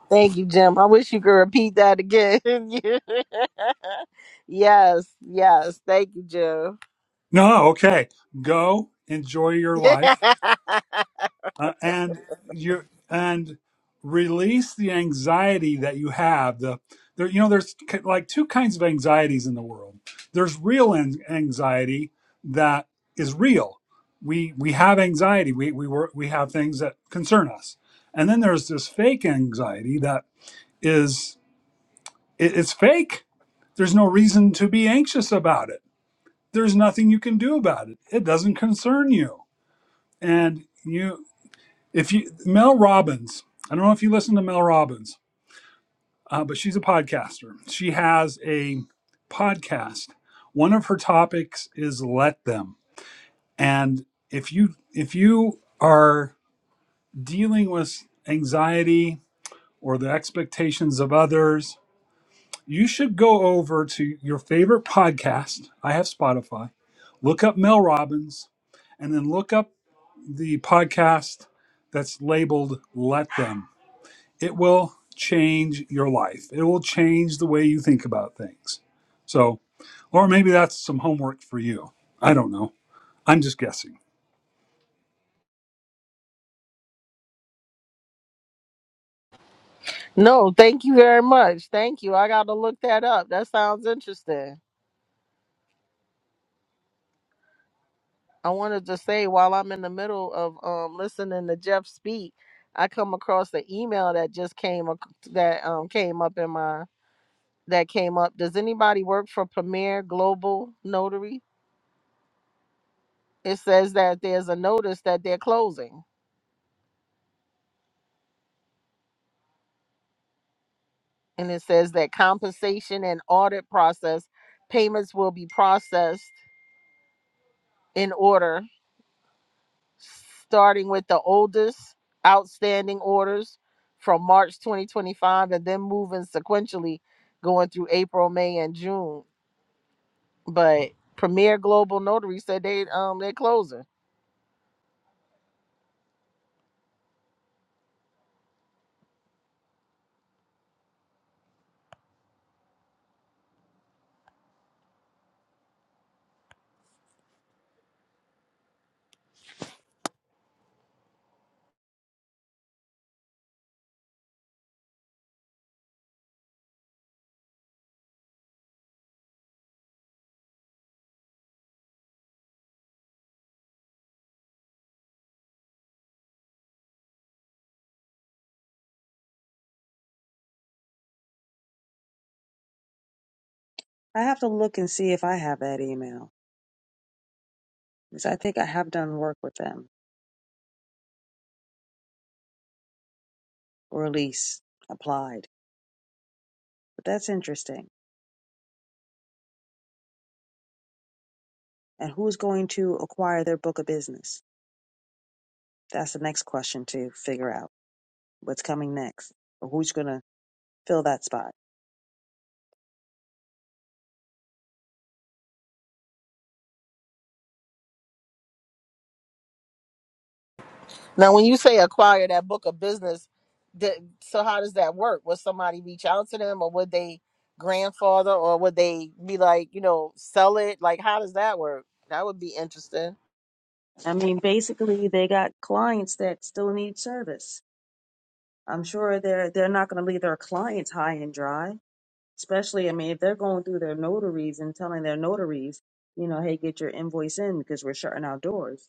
Thank you, Jim. I wish you could repeat that again. yes, yes. Thank you, Jim.
No, okay. Go enjoy your life uh, and you and release the anxiety that you have the there you know there's ki- like two kinds of anxieties in the world there's real an- anxiety that is real we we have anxiety we we were we have things that concern us and then there's this fake anxiety that is it, it's fake there's no reason to be anxious about it there's nothing you can do about it it doesn't concern you and you if you Mel Robbins, I don't know if you listen to Mel Robbins, uh, but she's a podcaster. She has a podcast. One of her topics is let them. And if you if you are dealing with anxiety or the expectations of others, you should go over to your favorite podcast. I have Spotify. Look up Mel Robbins, and then look up the podcast that's labeled "Let Them." it will change your life. It will change the way you think about things. So, or maybe that's some homework for you. I don't know. I'm just guessing.
no, thank you very much. Thank you. I got to look that up. That sounds interesting. I wanted to say while I'm in the middle of um, listening to Jeff speak, I come across the email that just came ac- that um, came up in my that came up. Does anybody work for Premier Global Notary? It says that there's a notice that they're closing, and it says that compensation and audit process payments will be processed in order starting with the oldest outstanding orders from March 2025 and then moving sequentially going through April, May, and June. But Premier Global Notary said they um they're closing.
I have to look and see if I have that email because I think I have done work with them or at least applied. But that's interesting. And who's going to acquire their book of business? That's the next question to figure out what's coming next or who's going to fill that spot.
Now when you say acquire that book of business, th- so how does that work? Would somebody reach out to them or would they grandfather or would they be like, you know, sell it? Like how does that work? That would be interesting.
I mean, basically, they got clients that still need service. I'm sure they're they're not going to leave their clients high and dry. especially i mean if they're going through their notaries and telling their notaries you know hey get your invoice in because we're shutting our doors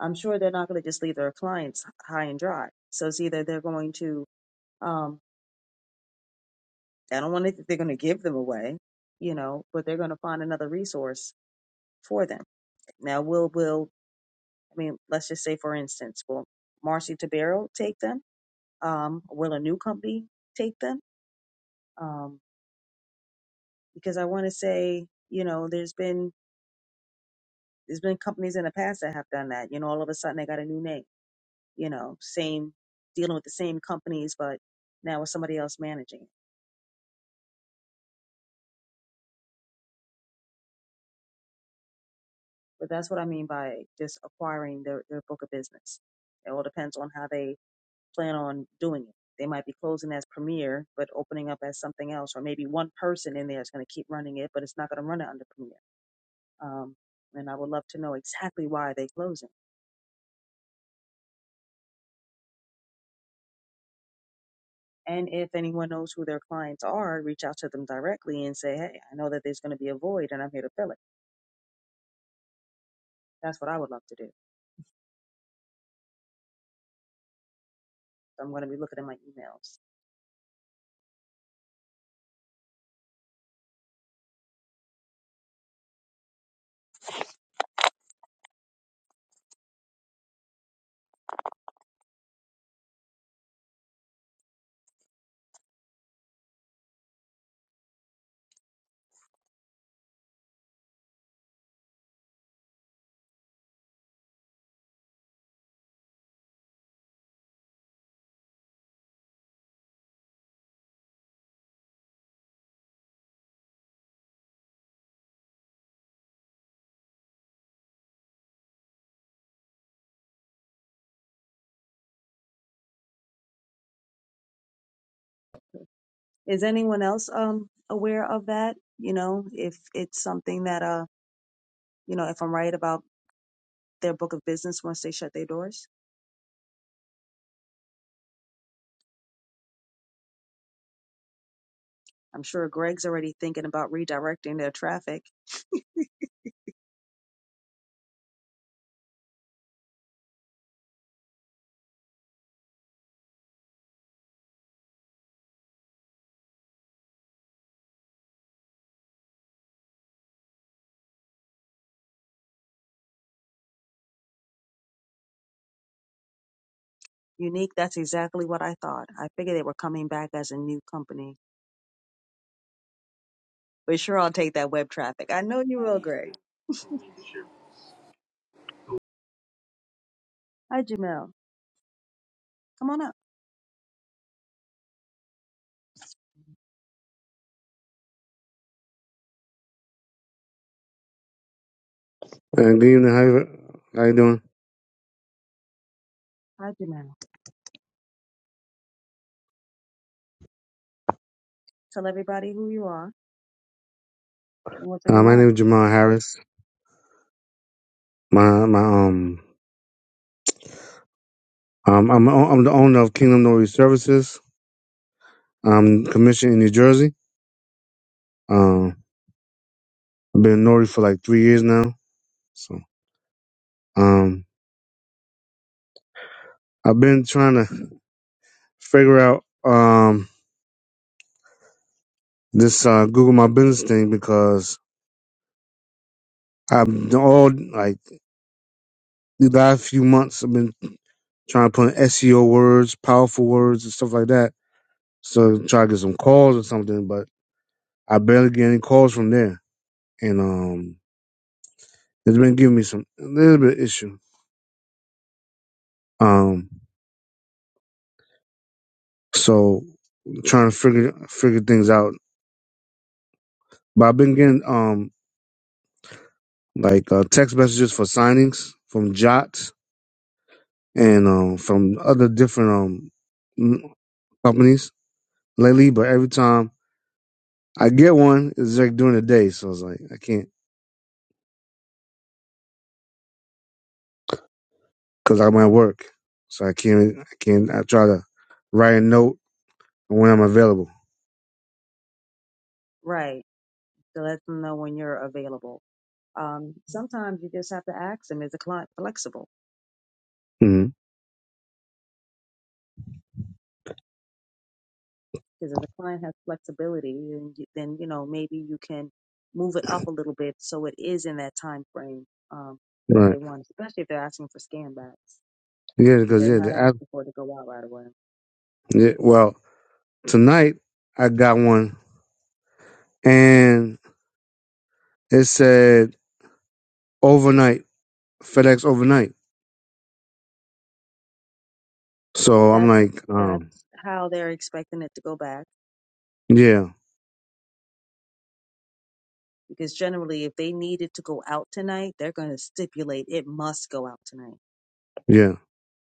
i'm sure they're not going to just leave their clients high and dry so it's either they're going to um i don't want to think they're going to give them away you know but they're going to find another resource for them now will will i mean let's just say for instance will marcy tabero take them um will a new company take them um because i want to say you know there's been There's been companies in the past that have done that. You know, all of a sudden they got a new name. You know, same dealing with the same companies, but now with somebody else managing. it. But that's what I mean by just acquiring their their book of business. It all depends on how they plan on doing it. They might be closing as Premier, but opening up as something else, or maybe one person in there is going to keep running it, but it's not going to run it under Premier. Um, and I would love to know exactly why they closing. And if anyone knows who their clients are, reach out to them directly and say, hey, I know that there's going to be a void and I'm here to fill it. That's what I would love to do. So I'm going to be looking at my emails. Is anyone else um, aware of that? You know, if it's something that, uh, you know, if I'm right about their book of business once they shut their doors, I'm sure Greg's already thinking about redirecting their traffic. Unique, that's exactly what I thought. I figured they were coming back as a new company. but sure I'll take that web traffic. I know you will, Greg. Hi, Jamel. Come on up.
Uh, good evening. How you, how you doing?
Hi, Jamel. Tell everybody who you are and what's on
Uh,
your
my
mind.
name is Jamal Harris. My my um um I'm o- I'm the owner of Kingdom Nori Services. I'm commissioned in New Jersey. Um, I've been Nori for like three years now. So um, I've been trying to figure out um this uh, Google My Business thing because I've done all like the last few months I've been trying to put in SEO words, powerful words, and stuff like that. So try to get some calls or something, but I barely get any calls from there. and um, it's been giving me some a little bit of issue. Um, so trying to figure figure things out. But I've been getting um like uh, text messages for signings from Jot and um from other different um m- companies lately. But every time I get one, it's like during the day, so it's like I can't because I'm at work, so I can't I can't I try to write a note when I'm available.
Right. To let them know when you're available. Um, sometimes you just have to ask them, is the client flexible?
hmm
Because if the client has flexibility, then, you- then, you know, maybe you can move it up a little bit so it is in that time frame um, that they
Right.
want, especially if they're asking for scan backs.
Yeah,
If
because
They're
yeah,
not
the app.
asking for it to go out right away.
Yeah, well, Tonight, I got one, and it said overnight FedEx overnight. So I'm
That,
like, um,
that's how they're expecting it to go back
yeah,
because generally if they needed to go out tonight they're going to stipulate it must go out tonight
yeah,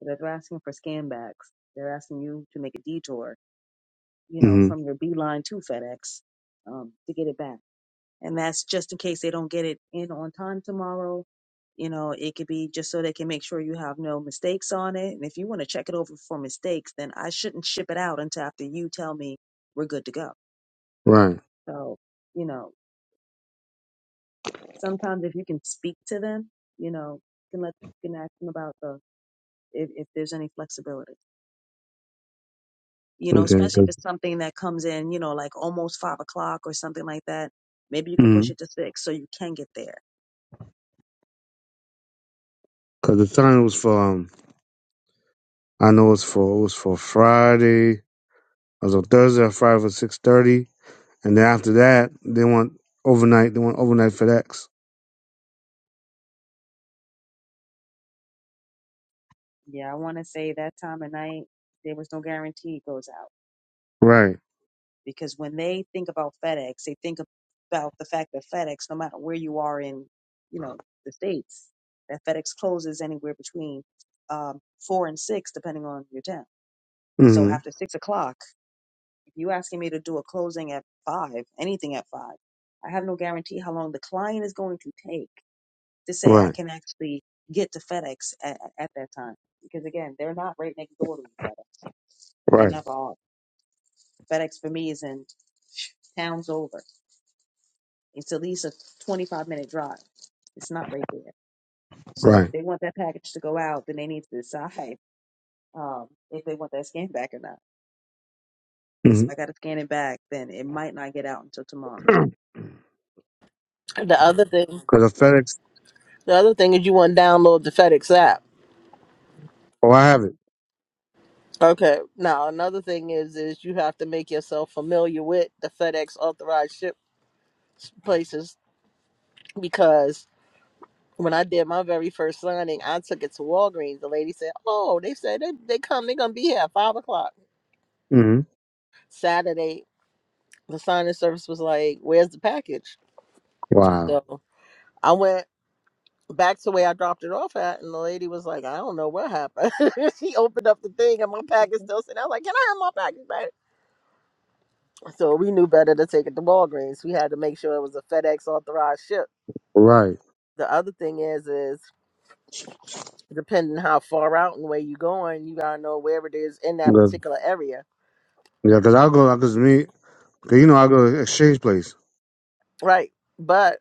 but if they're asking for scan backs they're asking you to make a detour you know
hmm
from your beeline to fedex um, to get it back and that's just in case they don't get it in on time tomorrow you know it could be just so they can make sure you have no mistakes on it and if you want to check it over for mistakes then i shouldn't ship it out until after you tell me we're good to go
right,
so you know sometimes if you can speak to them, you know, you can let you can ask them about the if, if there's any flexibility. You know,
okay,
especially if
because
it's something that comes in, you know, like almost five o'clock or something like that. Maybe you could push it
the
to six so you can get there.
time was for um, I know it's for it was for Friday. I was on Thursday or Friday for six thirty, and then after that, they want overnight. They want overnight FedEx.
Yeah, I want to say that time of night there was no guarantee it goes out
Right.
because when they think about FedEx, they think about the fact that FedEx, no matter where you are in, you know, the states, that FedEx closes anywhere between um, four and six, depending on your town So
hmm
after six o'clock, if you asking me to do a closing at five, anything at five, I have no guarantee how long the client is going to take to say I
Right.
can actually get to FedEx at, at that time. Because again, they're not right next door to each other. They
Right.
never are. FedEx for me is in towns over. It's at least a 25 minute drive. It's not right there. So if
Right.
they want that package to go out, then they need to decide um, if they want that scan back or not. Because
Because
if I got to scan it back, then it might not get out until tomorrow.
The other thing
the FedEx.
the other thing is you want to download the FedEx app.
Oh, I have it.
Okay. Now another thing is is you have to make yourself familiar with the FedEx authorized ship places because when I did my very first signing, I took it to Walgreens. The lady said, "Oh, they said they they come. They're gonna be here at five o'clock
hmm
Saturday." The signing service was like, "Where's the package?"
Wow.
So I went back to where I dropped it off at, and the lady was like, "I don't know what happened." she opened up the thing, and my package still sitting. I was like, "Can I have my package back?" So we knew better to take it to Walgreens. We had to make sure it was a FedEx authorized ship.
Right.
The other thing is, is depending how far out and where you're going, you gotta know where it is in that particular area,
Yeah, because I'll go, because me, cause you know, I'll go to exchange place.
right? But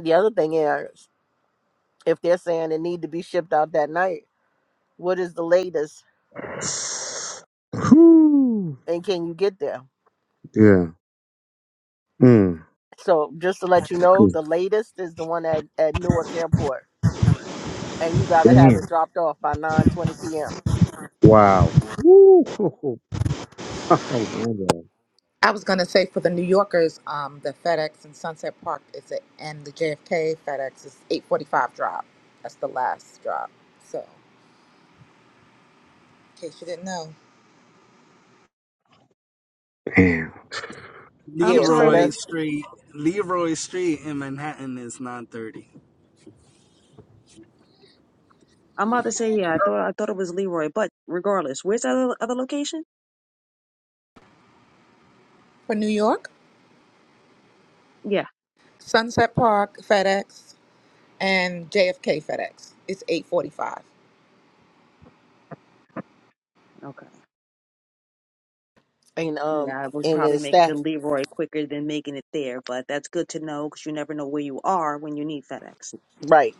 the other thing is, if they're saying it need to be shipped out that night, what is the latest,
Whew.
and can you get there?
Yeah. Mm.
So just to let you know,
'Cause
the latest is the one at at Newark Airport, and you gotta have it
Damn.
dropped off by nine twenty p.m.
Wow. Woo. I wonder.
was gonna say for the New Yorkers, um, the FedEx in Sunset Park is at, and the JFK FedEx is eight forty five drop. That's the last drop. So, in case you didn't know,
Damn.
I'm
Yeah,
sorry.
so
Leroy
that's
Street, Leroy Street in Manhattan is 9:30.
I'm about to say yeah. I thought I thought it was Leroy, but regardless, where's that other, other location?
for New York,
Yeah.
Sunset Park FedEx and JFK FedEx, it's eight forty five.
Okay.
and um
Yeah, I would
and
probably
then
make the
staff
Leroy quicker than making it there, but that's good to know because you never know where you are when you need FedEx.
right.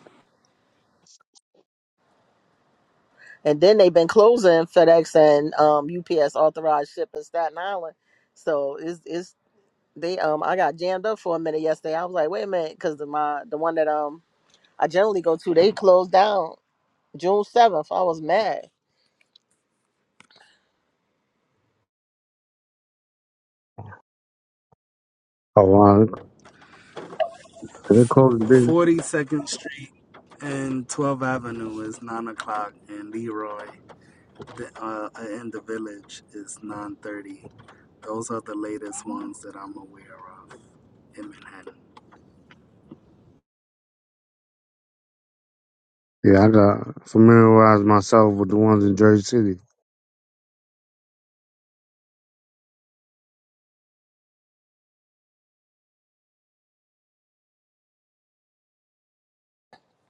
And then they've been closing FedEx and um, UPS authorized ship in Staten Island. So it's it's they um I got jammed up for a minute yesterday. I was like, wait a minute, because the my the one that um I generally go to, they closed down June seventh. I was mad.
Oh, wow. They're closing big.
42nd Street and 12th Avenue is 9 o'clock, and Leroy uh, in the Village is 9:30. Those are the latest ones that I'm aware of in Manhattan.
Yeah, I got familiarize myself with the ones in Jersey City.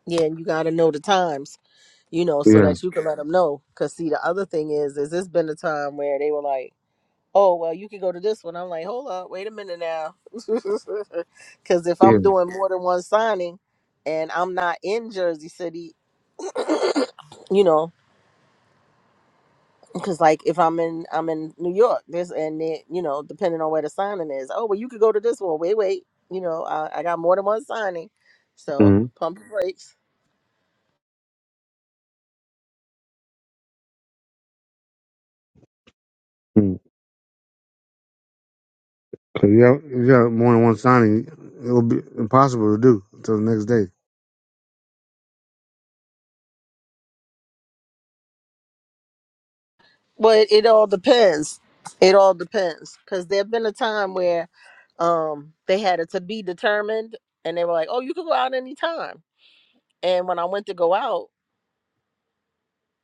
Yeah, and you got to know the times, you know, so
Yeah.
that you can let them know. Cause see, the other thing is, is it's been a time where they were like, oh well, you can go to this one. I'm like, hold up, wait a minute now, because if
Yeah.
I'm doing more than one signing and I'm not in Jersey City you know because like if i'm in i'm in new york this and it you know depending on where the signing is oh well you could go to this one wait wait you know i, I got more than one signing so
Mm-hmm.
pump the brakes
Cause you have, if you have more than one signing, it'll be impossible to do until the next day.
but it, all depends it all depends because there have been a time where um they had it to be determined and they were like oh you could go out anytime and when i went to go out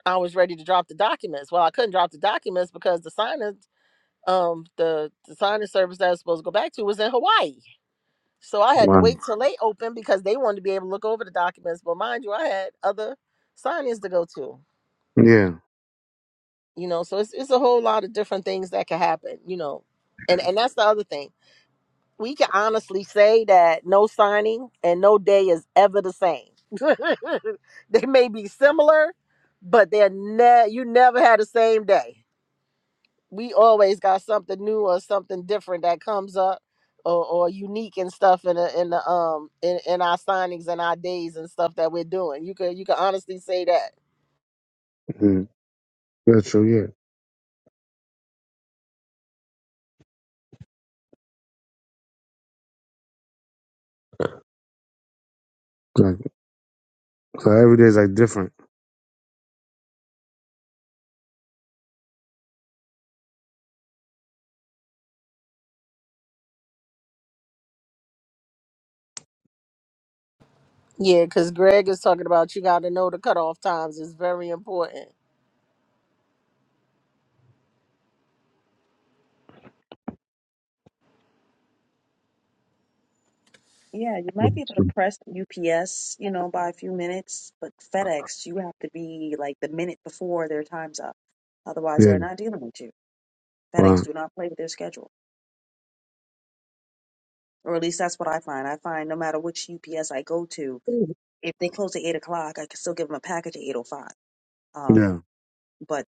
i was ready to drop the documents well i couldn't drop the documents because the signing um the, the signing service that i was supposed to go back to was in hawaii So I had to
Wow.
wait till they opened because they wanted to be able to look over the documents. But mind you, I had other signings to go to.
Yeah.
You know, so it's it's a whole lot of different things that can happen. You know, and and that's the other thing. We can honestly say that no signing and no day is ever the same. they may be similar, but they're ne- you never had the same day. we always got something new or something different that comes up or, or unique and stuff in the in the um in, in our signings and our days and stuff that we're doing. You could you could honestly say that.
Mm. That's true. Yeah. Like, so every day is like different.
Yeah, because Greg is talking about you gotta know the cutoff times is very important.
Yeah, you might be able to press UPS, you know, by a few minutes, but FedEx, you have to be like the minute before their time's up. Otherwise,
Yeah.
they're not dealing with you. FedEx
Wow.
do not play with their schedule, or at least that's what I find. I find no matter which UPS I go to, if they close at eight o'clock, I can still give them a package at eight o five. Um,
Yeah.
but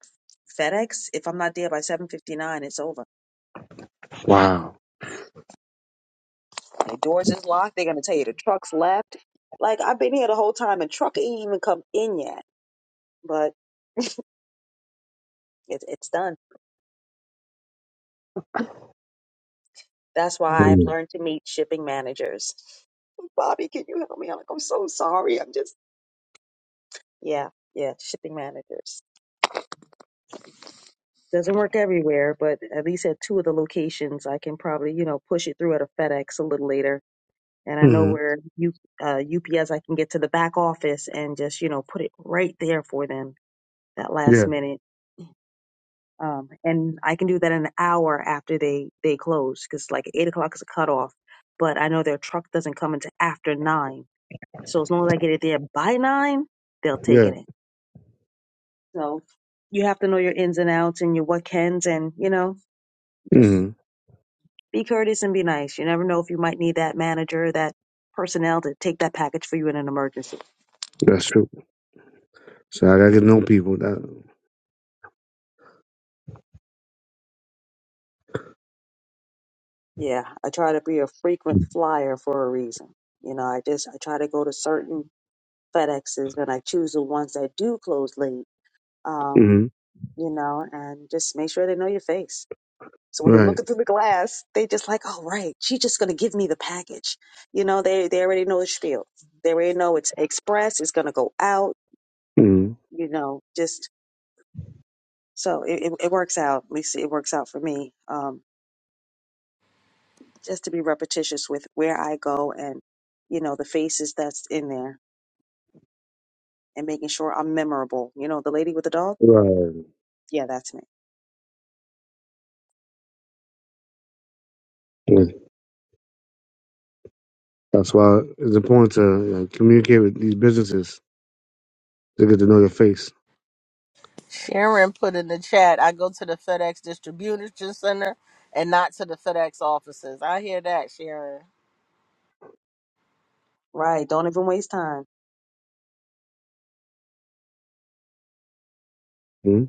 FedEx, if I'm not there by seven fifty nine, it's over.
Wow.
The doors is locked. They're gonna tell you the truck's left. Like I've been here the whole time, and truck ain't even come in yet, but it, it's done. That's why I've learned to meet shipping managers. "Oh, Bobby, can you help me? I'm like, I'm so sorry. I'm just yeah, yeah, shipping managers. Doesn't work everywhere, but at least at two of the locations, I can probably you know push it through at a FedEx a little later, and I know
Mm-hmm.
where U, uh, UPS I can get to the back office and just you know put it right there for them that
Yeah.
last minute. Um, and I can do that an hour after they they close because like eight o'clock is a cutoff, but I know their truck doesn't come until after nine So as long as I get it there by nine, they'll take
Yeah.
it in. So you have to know your ins and outs and your what cans and, you know, just
Mm-hmm.
be courteous and be nice. You never know if you might need that manager, that personnel to take that package for you in an emergency.
That's true. So I gotta get to know people. That.
Yeah, I try to be a frequent flyer for a reason. You know, I just I try to go to certain FedExes and I choose the ones that do close late. Um,
Mm-hmm.
you know, and just make sure they know your face So when you're
Right.
looking through the glass, they just like, oh right, she's just gonna give me the package. You know, they they already know the spiel. They already know it's express. It's gonna go out.
Mm-hmm.
You know, just so it, it, it works out. At least it works out for me. Um, just to be repetitious with where I go and you know the faces that's in there and making sure I'm memorable. You know, the lady with the dog.
Right.
Yeah, that's me.
Yeah. That's why it's important to you know, communicate with these businesses to get to know your face.
Sharon put in the chat, I go to the FedEx distribution center and not to the FedEx offices. I hear that, Sharon.
Right. Don't even waste time.
Mm-hmm.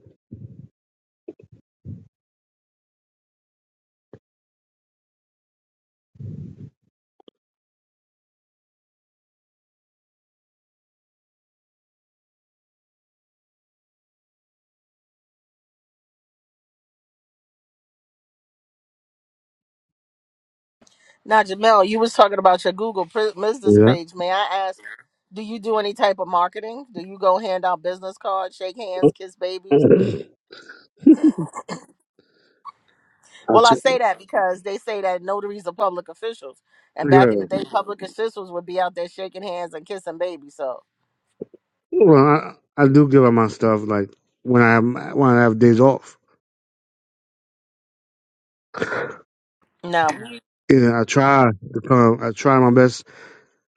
Now, Jamel, you was talking about your Google pr- business
Yeah.
page. May I ask, do you do any type of marketing? Do you go hand out business cards, shake hands, kiss babies?
I
Well, I
t-
say that because they say that notaries are public officials, and back in the
yeah.
day, public officials would be out there shaking hands and kissing babies. So
Well, I, I do give up my stuff like when I when I have days off.
now,
You know, I try to come. I try my best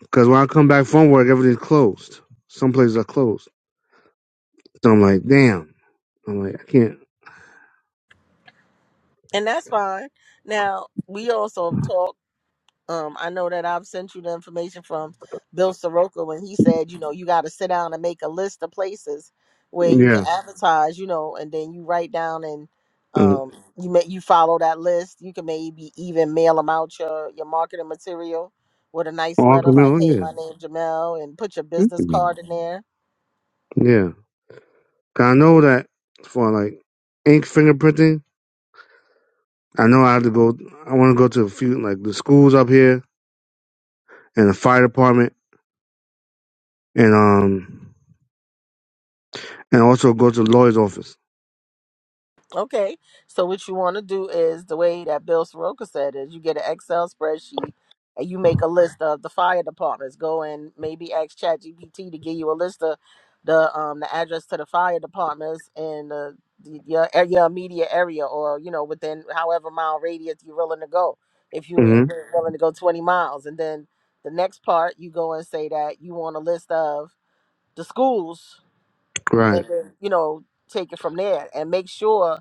because when I come back from work, everything's closed. Some places are closed. So I'm like, damn. I'm like, I can't.
and that's fine. Now we also have talked. Um, I know that I've sent you the information from Bill Soroka when he said, you know, you got to sit down and make a list of places where you can
Yeah.
Mhm. advertise, you know, and then you write down and
Mm.
um, you may you follow that list. You can maybe even mail them out your your marketing material with a nice
Oh,
letter
Uncle
like,
Mel,
"Hey,
yeah.
my name Jamel," and put your business
mm
card in there.
Yeah. 'Cause I know that for like ink fingerprinting, I know I have to go. I want to go to a few like the schools up here and the fire department, and um, and also go to the lawyer's office.
Okay. So what you want to do is the way that Bill Soroka said is you get an Excel spreadsheet and you make a list of the fire departments. Go and maybe ask ChatGPT to give you a list of the um the address to the fire departments in the, the your e, your immediate area or you know within however mile radius you're willing to go. If you're
hmm
willing to go 20 miles, and then the next part you go and say that you want a list of the schools
Right.
and then you know take it from there and make sure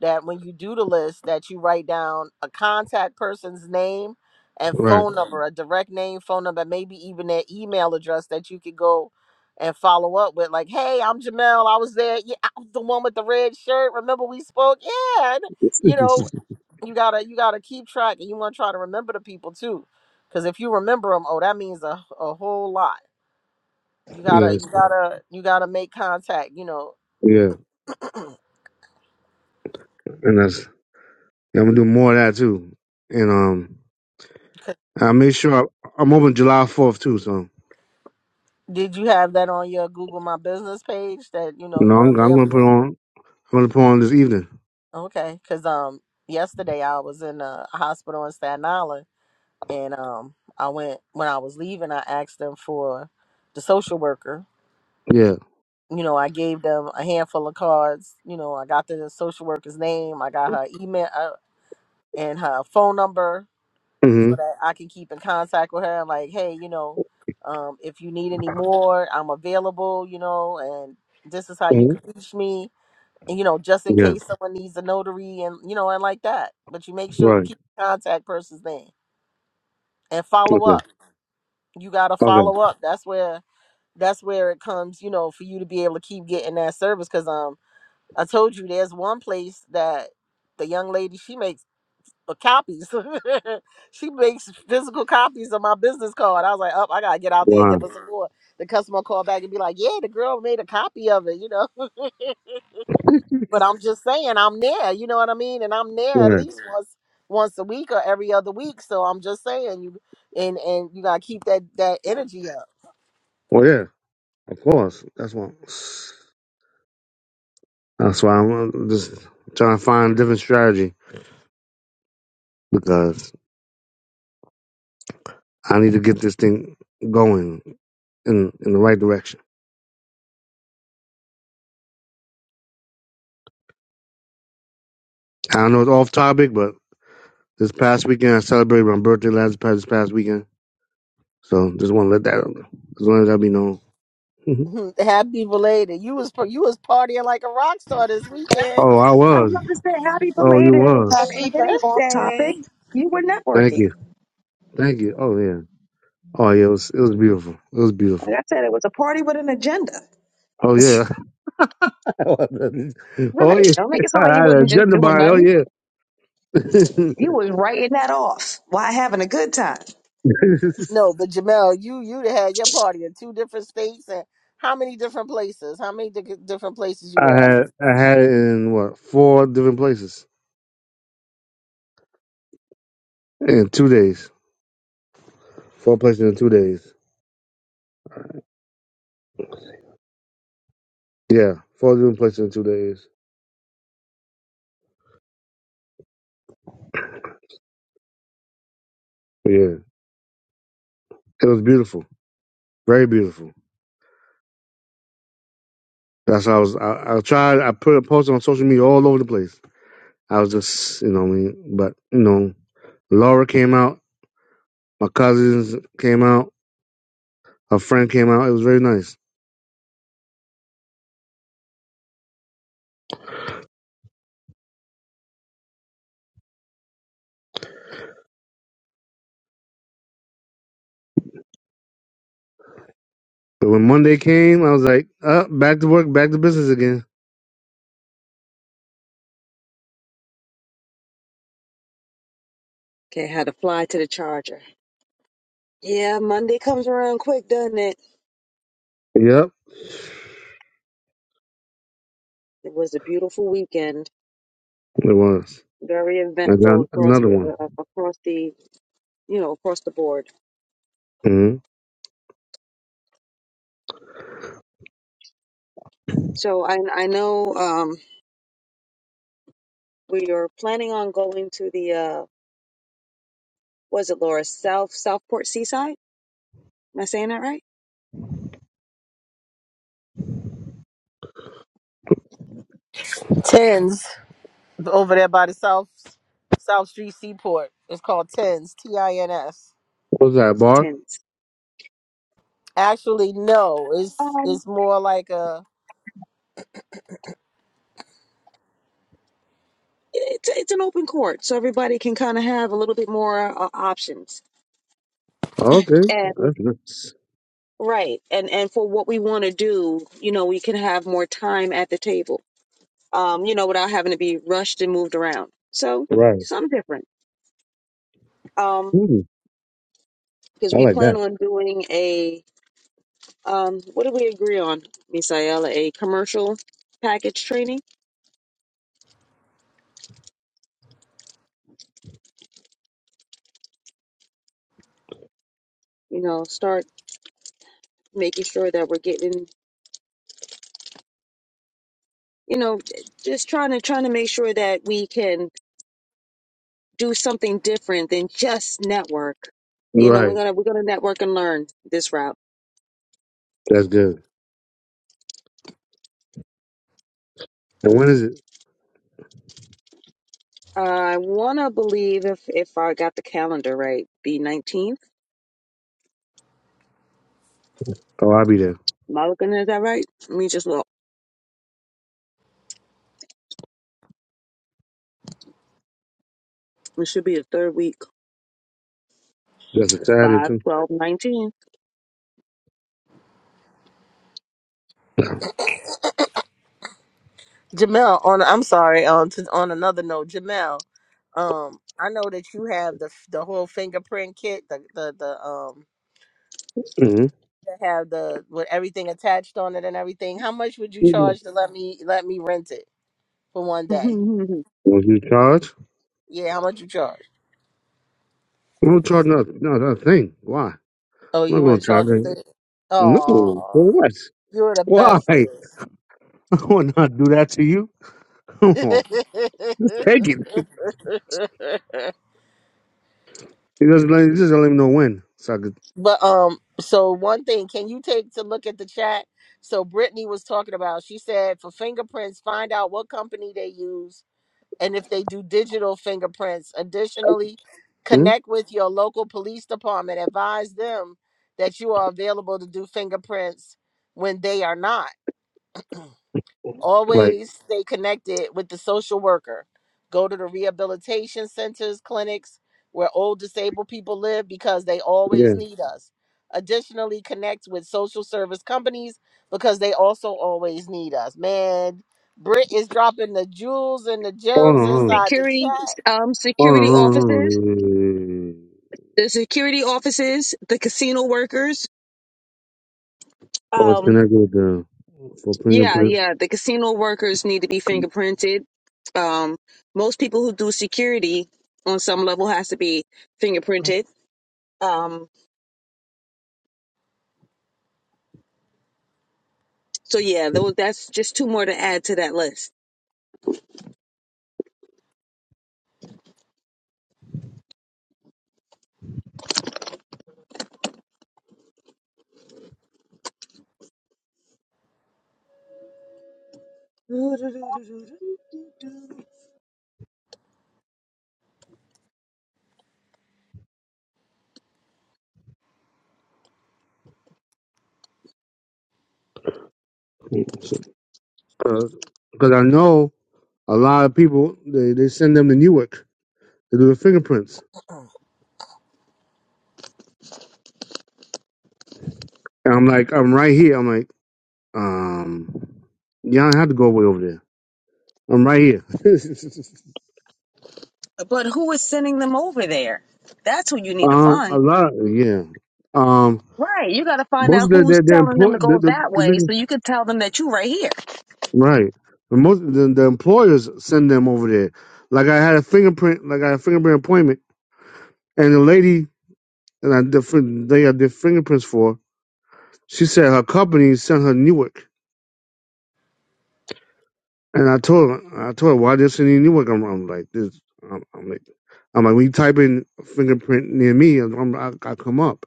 that when you do the list that you write down a contact person's name and
Right.
phone Mhm. number a direct name phone number maybe even their email address that you could go and follow up with like hey i'm jamel i was there yeah i'm the one with the red shirt remember we spoke yeah and,
yes.
you know you gotta you gotta keep track and you want to try to remember the people too because if you remember them oh that means a, a whole lot you gotta you gotta you gotta make contact you know
Yeah. And that's yeah, I'm gonna do more of that too. And um, I make sure I, I'm open July 4th too. So
Did you have that on your Google My Business page that you know
you know,
you're
I'm, I'm gonna put
available?
on. I'm gonna put on this evening.
Okay, because um yesterday I was in a hospital in Staten Island and um I went when I was leaving I asked them for the social worker.
Yeah.
You know I gave them a handful of cards. You know I got the social worker's name, I got her email uh, and her phone number so
Mm.
that I can keep in contact with her. I'm like, hey, you know, um if you need any more, I'm available. You know, and this is how
hmm
you can reach me you know, just in
Yeah,
case someone needs a notary and you know, and like that. But you make sure you
right.
keep the contact person's name and follow
Okay.
up. You gotta
Okay.
follow up. That's where that's where it comes, you know, for you to be able to keep getting that service. Cause um I told you there's one place that the young lady she makes uh, copies. she makes physical copies of my business card. I was like, oh, I gotta get out there and
Wow.
give us some more. The customer called back and be like, yeah, the girl made a copy of it, you know. But I'm just saying I'm there, you know what I mean? And I'm there at
Yeah.
least Yeah. once once a week or every other week. So I'm just saying you and and you gotta keep that that energy up.
Well, yeah. Of course. That's what. That's why I'm uh, just trying to find a different strategy because I need to get this thing going in in the right direction. I know it's off topic, but this past weekend I celebrated my birthday last past this past weekend, so just want to let that as long as that be known. Mhm.
Happy belated. You was par- you was partying like a rock star this weekend.
oh, I
I'm
was.
not to say happy
Oh,
belated,
you
and,
was.
Happy
and it ain't off
birthday.
topic. You were
Thank
networking.
you. Thank you. Oh yeah. Oh yeah. It was. It was beautiful. It was
Like
beautiful.
I said, it was a party with an agenda.
Oh yeah. oh
Right.
yeah,
Don't make it sound like
I
you
had a
wasn't just
gender
doing
bond. Oh
nothing.
yeah,
You was writing that off while having a good time.
No, but Jamel, you you had your party in two different states and how many different places? How many di- different places you were
I
at?
had I had it in what four different places in two days. Four places in two days. Yeah, four different places in two days. Yeah, it was beautiful, very beautiful. That's how I was. I, I tried. I put a post on social media all over the place. I was just, you know, what I mean, but you know, Laura came out. My cousins came out. Her friend came out. It was very nice. But when Monday came, I was like, up, back to work, back to business again.
Okay, had to fly to the charger. Yeah, Monday comes around quick, doesn't it?
Yep,
It was a beautiful weekend,
it was.
very
I got
eventful across
another
the
one.
uh, uh, across the you know across the board.
hmm
So I I know um we are planning on going to the uh was it Laura South Southport Seaside? Am I saying that right?
Tens over there by the South South Street Seaport. It's called Tins T I N S.
What was that, a bar?
Tense.
Actually, no. It's it's more like a
it's it's an open court, so everybody can kind of have a little bit more uh, options.
Oh, okay,
And
that's nice.
right, and and for what we want to do, you know, we can have more time at the table. Um, you know, without having to be rushed and moved around. So
Right.
something different. Um,
Mm,
because
I
we
like
plan
that.
on doing a um, what did we agree on, Misaela? A commercial package training. You know, start making sure that we're getting. You know, just trying to trying to make sure that we can do something different than just network. You know, we're
Right.
gonna we're gonna network and learn this route.
That's good. And when is it?
Uh, I wanna believe if if I got the calendar right, the nineteenth.
Oh, I'll be there.
Am I looking at that right? Let me just look. It should be the third week,
That's a Saturday,
five,
too.
twelve, nineteen.
Jamel, on I'm sorry, on to, on another note, Jamel, um, I know that you have the the whole fingerprint kit, the the the um
Mm-hmm.
that have the with everything attached on it and everything. How much would you charge to let me let me rent it for one day?
Will you charge?
Yeah, how much you charge?
I don't charge nothing. No, that's thing. Why?
Oh,
I'm not
you
going
wouldn't
to charge
charge a
anything.
thing.
No.
Oh,
For what?
you're the
Why?
bestest.
I would not do that to you. Come on. Just take it. He doesn't let, he just don't let me know when. So I could.
But um, so one thing, can you take to look at the chat? So Brittany was talking about. She said for fingerprints, find out what company they use and if they do digital fingerprints. Additionally, connect with your local police department. Advise them that you are available to do fingerprints when they are not.
Like,
Always stay connected with the social worker. Go to the rehabilitation centers, clinics where old disabled people live because they always
yeah.
need us. Additionally, connect with social service companies because they also always need us. Man, Britt is dropping the jewels and the
Hold
gems
on, hold on.
inside the
security,
chat.
um,
Hold
security
on, hold on, hold on. Yeah,
offices,
yeah, yeah, yeah, yeah, yeah.
the security offices, the casino workers.
Oh, it's
Um.
connected with the for
Yeah,
fingerprints.
yeah. The casino workers need to be fingerprinted. Um, most people who do security on some level has to be fingerprinted. Um, so yeah, tho- that's just two more to add to that list.
Because I know a lot of people, they, they send them to Newark to do the fingerprints. And I'm like, I'm right here. I'm like, um, yeah, I don't have to go way over there. I'm right here.
But who is sending them over there? That's who you need to
um, a
find.
lot, yeah. Um,
Right, you got to find out
most of their
who's
their, their
telling them
employ
to
the,
go
the,
that
the
way,
niggas
so you can tell them that you right here.
Right. The most the, the employers send them over there. Like I had a fingerprint, like I had a fingerprint appointment, and the lady that I did, fin- they I did fingerprints for, she said her company sent her Newark, and I told her, I told her why they send you Newark. I'm, I'm like this, I'm, I'm like, I'm like when you type in fingerprint near me, I'm, I, I come up.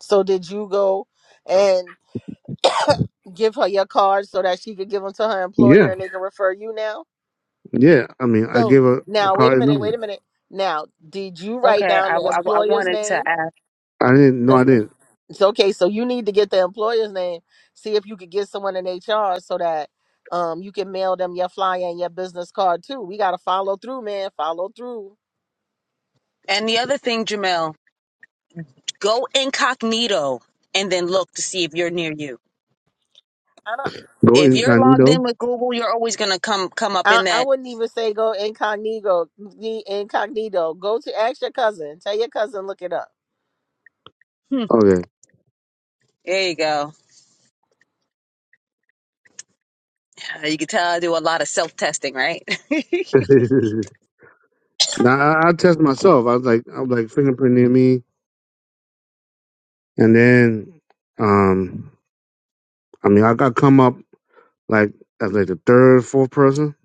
So, did you go and give her your card so that she could give them to her
Yeah,
employer and they can refer you now?
yeah. I mean, I
So
gave her a
now, wait a
card
minute,
number.
wait a minute. Now, did you write
Okay,
down
I,
the
w- I, w- I
employer's
wanted to
name?
ask.
I didn't, no,
Because
I
the
didn't
it's okay. So you need to get the employer's name. See if you could get someone in HR so that um you can mail them your flyer and your business card too. We gotta follow through, man. Follow through.
And the other thing, Jamel, Go incognito and then look to see if you're near you.
I don't.
go
If you're logged
incognito.
in with Google, you're always gonna come come up
I,
in
I
that.
wouldn't even say go incognito. the Incognito. Go to ask your cousin. Tell your cousin look it up.
Hmm,
Okay.
there you go. Uh, You can tell I do a lot of self testing, right?
Now I, I test myself. I was like, I was like fingerprinting me, and then, um, I mean, I got come up like as like the third, fourth person.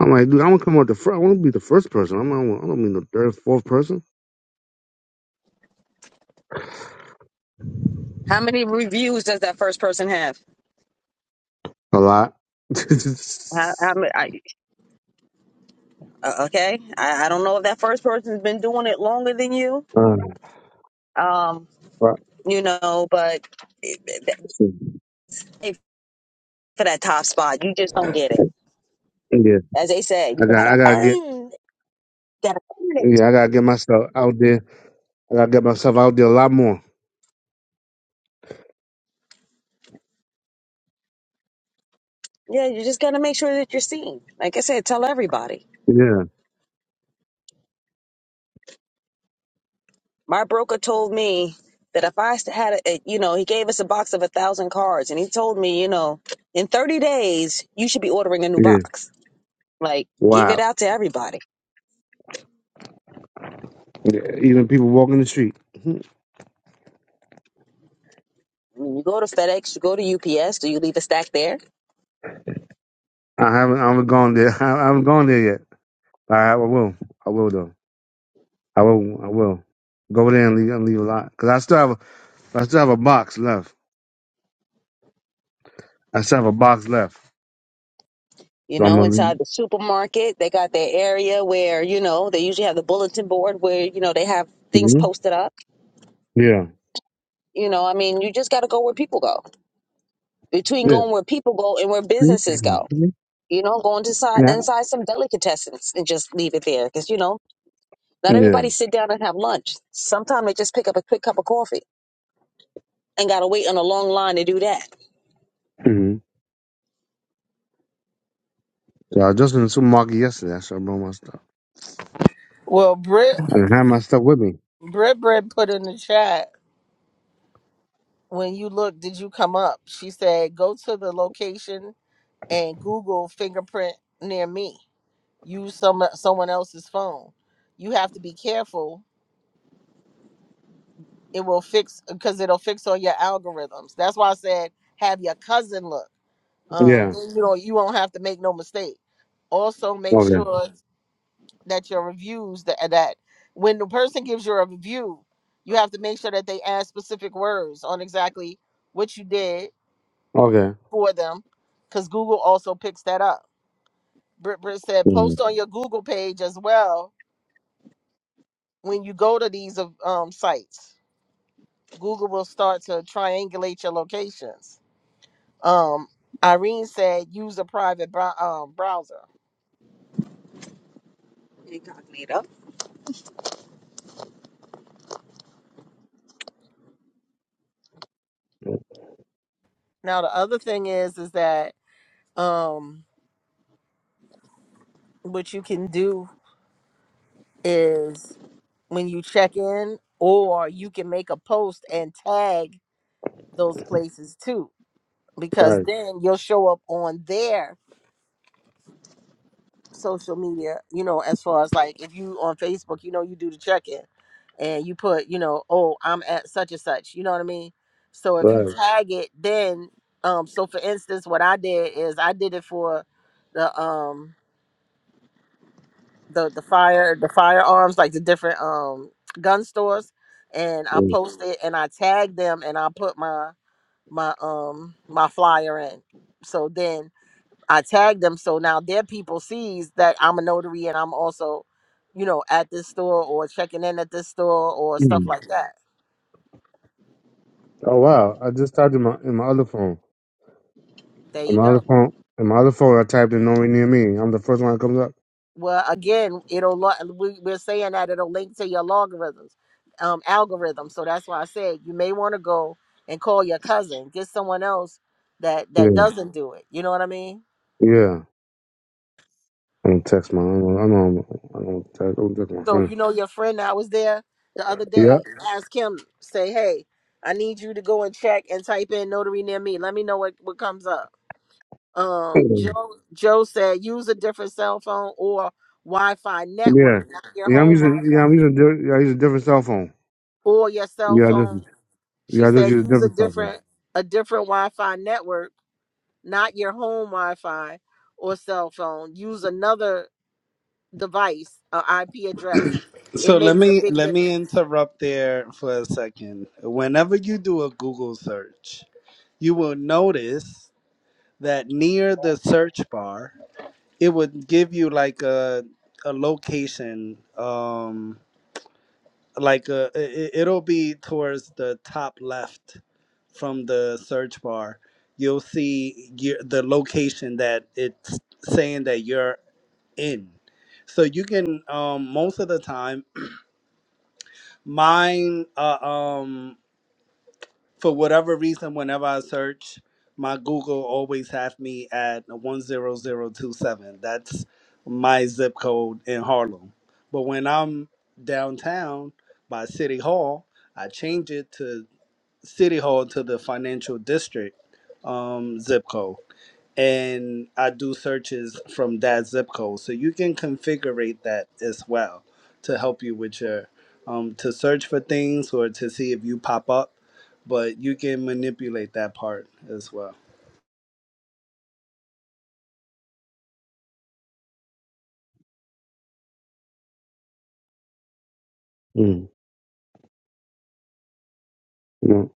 I'm like, dude, I want to come up the first. I want to be the first person. I'm not. I don't mean the third, fourth person.
how many reviews does that first person have?
A lot.
How, how many, I, uh, okay, I, I don't know if that first person's been doing it longer than you.
uh,
Um,
but-
you know, but it- it- it- for that top spot, you just don't get it.
yeah,
As they say, you
I got.
gotta
I gotta get.
earn, gotta earn it.
Yeah, I gotta get myself out there. I gotta get myself out there a lot more.
Yeah, you just got to make sure that you're seen. Like I said, tell everybody.
Yeah.
My broker told me that if I had, a, a- you know, he gave us a box of a thousand cards, and he told me, you know, in 30 days you should be ordering a new
Yeah.
box. Like, give it
Wow.
out to everybody.
Yeah, even people walking the street.
I mean, you go to FedEx, you go to UPS, do you leave a stack there?
I haven't. I haven't gone there. I haven't gone there yet. All right, I will. I will though. I will. I will go there and leave, and leave a lot because I still have a, I still have a box left. I still have a box left,
You
so I'm
know,
gonna
inside
leave.
the supermarket, they got their area where you know they usually have the bulletin board where you know they have things
hmm
posted up.
Yeah.
You know, I mean, you just got to go where people go. Between
Yeah.
going where people go and where
See?
businesses go
Mhm.
You know, go inside
Yeah.
inside some delicatessens and just leave it there. Because you know, not
Yeah.
everybody sit down and have lunch. Sometimes they just pick up a quick cup of coffee and gotta wait on a long line to do that.
hmm So I was just in the supermarket yesterday. I should have brought my stuff.
Well, Brit
I did have my stuff with me.
Brit Brit put in the chat when you look. Did you come up? She said go to the location and Google fingerprint near me. Use some someone else's phone. You have to be careful. It will fix because it'll fix all your algorithms. That's why I said have your cousin look. Um,
Yeah.
then you know you won't have to make no mistake. Also, make
Okay.
sure that your reviews that that when the person gives you a review, you have to make sure that they add specific words on exactly what you did
Okay.
for them, because Google also picks that up. Britt Britt said
Mhm.
post on your Google page as well when you go to these uh, um, sites, Google will start to triangulate your locations. Um, Irene said use a private brow um, browser.
Incognito.
Now the other thing is is that um, what you can do is when you check in, or you can make a post and tag those places too, because
Right.
then you'll show up on there social media, you know, as far as like if you on Facebook, you know, you do the check in and you put, you know, oh, I'm at such and such, you know what I mean? So if you Right.
Right.
tag it, then um so for instance what I did is I did it for the um the the fire the firearms, like the different um gun stores and I Mhm. posted and I tagged them and I put my my um my flyer in. So then I tagged them so now their people sees that I'm a notary and I'm also, you know, at this store or checking in at this store or stuff
Mhm.
like that.
Oh wow! I just typed in my in my other phone.
There
In
you
my other
go.
phone. In my other phone, I typed in "nowhere near me." I'm the first one that comes up.
Well, again, it'll lo- we, we're saying that it'll link to your logarithms, um, algorithm. So that's why I said you may want to go and call your cousin, get someone else that that
Yeah.
doesn't do it. You know what I mean?
Yeah. I'm gonna text my. I'm gonna. I'm gonna, I'm gonna, text, I'm gonna text my
So
friend.
you know your friend that was there the other day.
Yeah.
Ask him, say, hey, I need you to go and check and type in notary near me. Let me know what what comes up Um, Joe Joe said use a different cell phone or Wi-Fi
Yeah.
network, not your
Yeah. I'm
home
using. Yeah.
Wi-Fi
I'm using. di- Yeah. I use a different cell phone.
or your cell
Yeah. I just.
phone. She
Yeah. I just use
said
a
use a
different cell phone.
different a different Wi-Fi network, not your home Wi-Fi or cell phone. Use another device, an IP address. It
So let
makes a
me
big
let me
difference.
interrupt there for a second. Whenever you do a Google search, you will notice that near the search bar it would give you like a a location um like a, it, it'll be towards the top left from the search bar you'll see your, the location that it's saying that you're in so you can um most of the time mine uh, um for whatever reason, whenever I search, my Google always have me at one zero zero two seven. That's my zip code in Harlem. But when I'm downtown by City Hall, I change it to City Hall to the financial district um, zip code and I do searches from that zip code. So you can configure that as well to help you with your um, to search for things or to see if you pop up. But you can manipulate that part as well.
Mm. You know.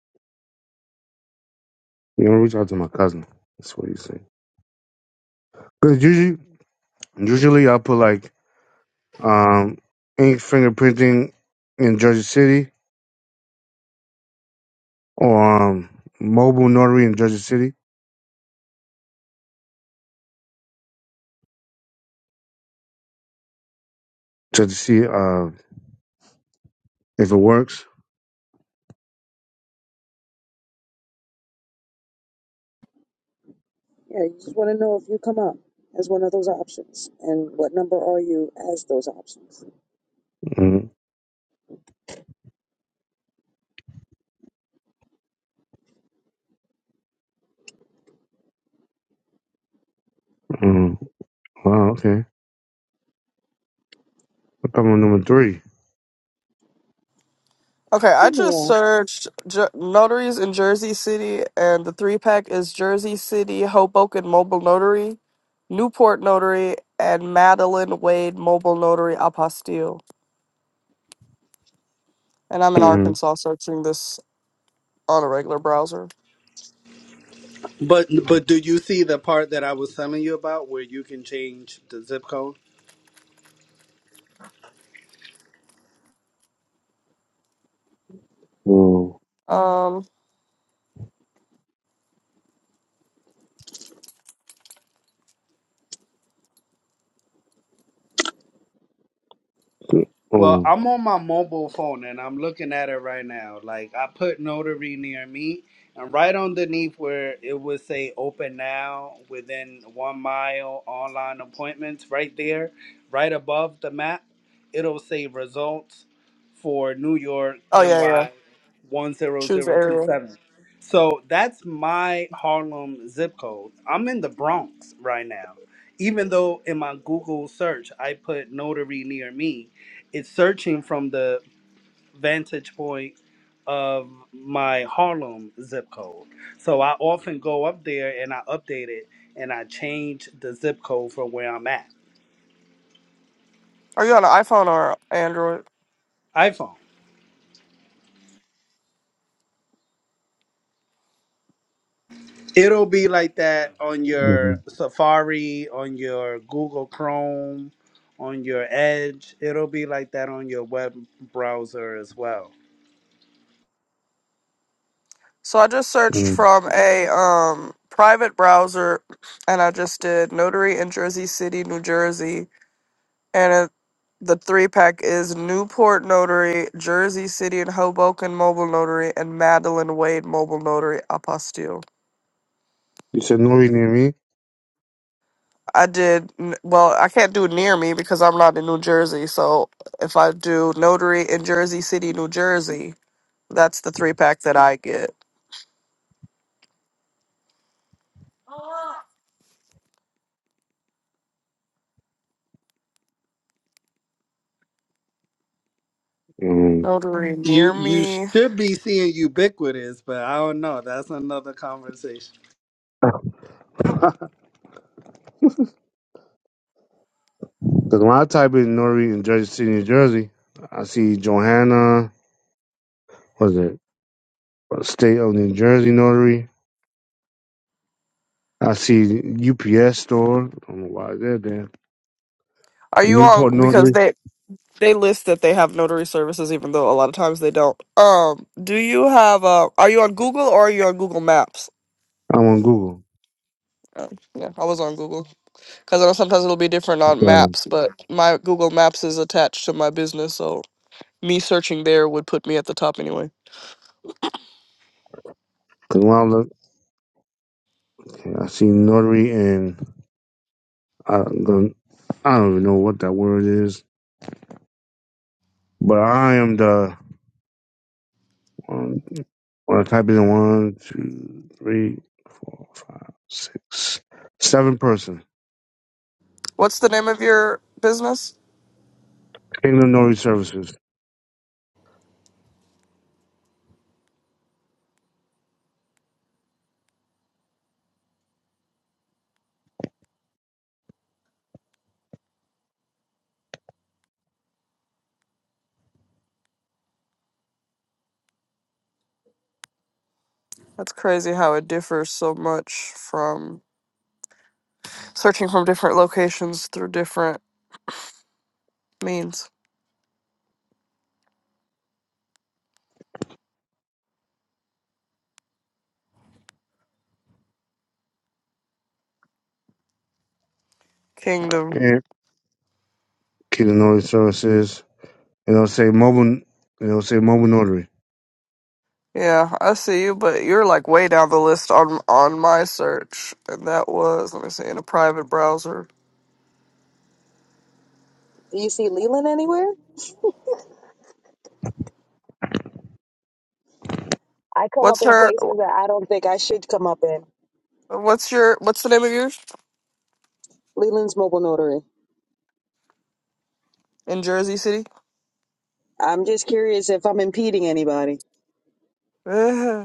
You know. Reach out to my cousin. That's what you say. Cause usually, usually I put like um ink fingerprinting in Jersey City or um mobile notary in Jersey City just to see uh if it works.
Yeah, you just want to know if you come up as one of those options, and what number are you as those options?
mm Mm. Wow. Okay. I'm coming number 3
Okay,
Hi,
I just
Nia.
searched Jer- notaries in Jersey City, and the three pack is Jersey City, Hoboken Mobile Notary, Newport Notary, and Madeline Wade Mobile Notary Apostille. And I'm in Arkansas searching this on a regular browser.
But but do you see the part that I was telling you about where you can change the zip code?
Mm.
Um,
Well,
Um,
I'm on my mobile phone and I'm looking at it right now. Like I put notary near me, and right underneath where it would say open now within one mile online appointments, right there, right above the map, it'll say results for New York
oh yeah, yeah.
NY
Choose area.
10027. So that's my Harlem zip code. I'm in the Bronx right now. Even though in my Google search I put notary near me it's searching from the vantage point of my Harlem zip code. So I often go up there and I update it and I change the zip code from where I'm at.
Are you on an iPhone or Android?
iPhone. It'll be like that on your Safari, on your Google Chrome, on your Edge. It'll be like that on your web browser as well.
So I just searched
um,
from a um private browser, and I just did notary in Jersey City, New Jersey. And it, the three pack is Newport Notary, Jersey City and Hoboken Mobile Notary, and Madeline Wade Mobile Notary Apostille.
you said Nori near me?
I did, n- well, I can't do near me because I'm not in New Jersey. So if I do Notary in Jersey City, New Jersey, that's the three pack that I get.
Um,
Notary
You
near
you
me.
should be seeing ubiquitous, but I don't know. That's another conversation.
Because when I type in Nori in Jersey City, New Jersey, I see Johanna, was it State of New Jersey Notary? I see UPS store. I don't know why they're there.
Are you
Newport
on? Because
Notary.
they. They list that they have notary services, even though a lot of times they don't. Um, do you have? Uh, are you on Google or are you on Google Maps?
I'm on Google.
Uh, yeah, I was on Google. because I know sometimes it'll be different on
Because
maps, but my Google Maps is attached to my business, so me searching there would put me at the top anyway.
when I look, I see Notary and I, I don't even know what that word is. But I am the One, well, type in one, two, three, four, five, six, seven person.
What's the name of your business?
Kingdom Noise Services.
That's crazy how it differs so much from searching from different locations through different means. Kingdom.
Yeah, Kingdom Noise Services. And it'll say mobile. And it'll say mobile notary.
Yeah, I see you, but you're like way down the list on on my search, and that was let me see in a private browser.
Do you see Leland anywhere? I come up
What's
in
her?
places that I don't think I should come up in.
What's your? What's the name of yours
Leland's mobile notary.
in Jersey City?
I'm just curious if I'm impeding anybody.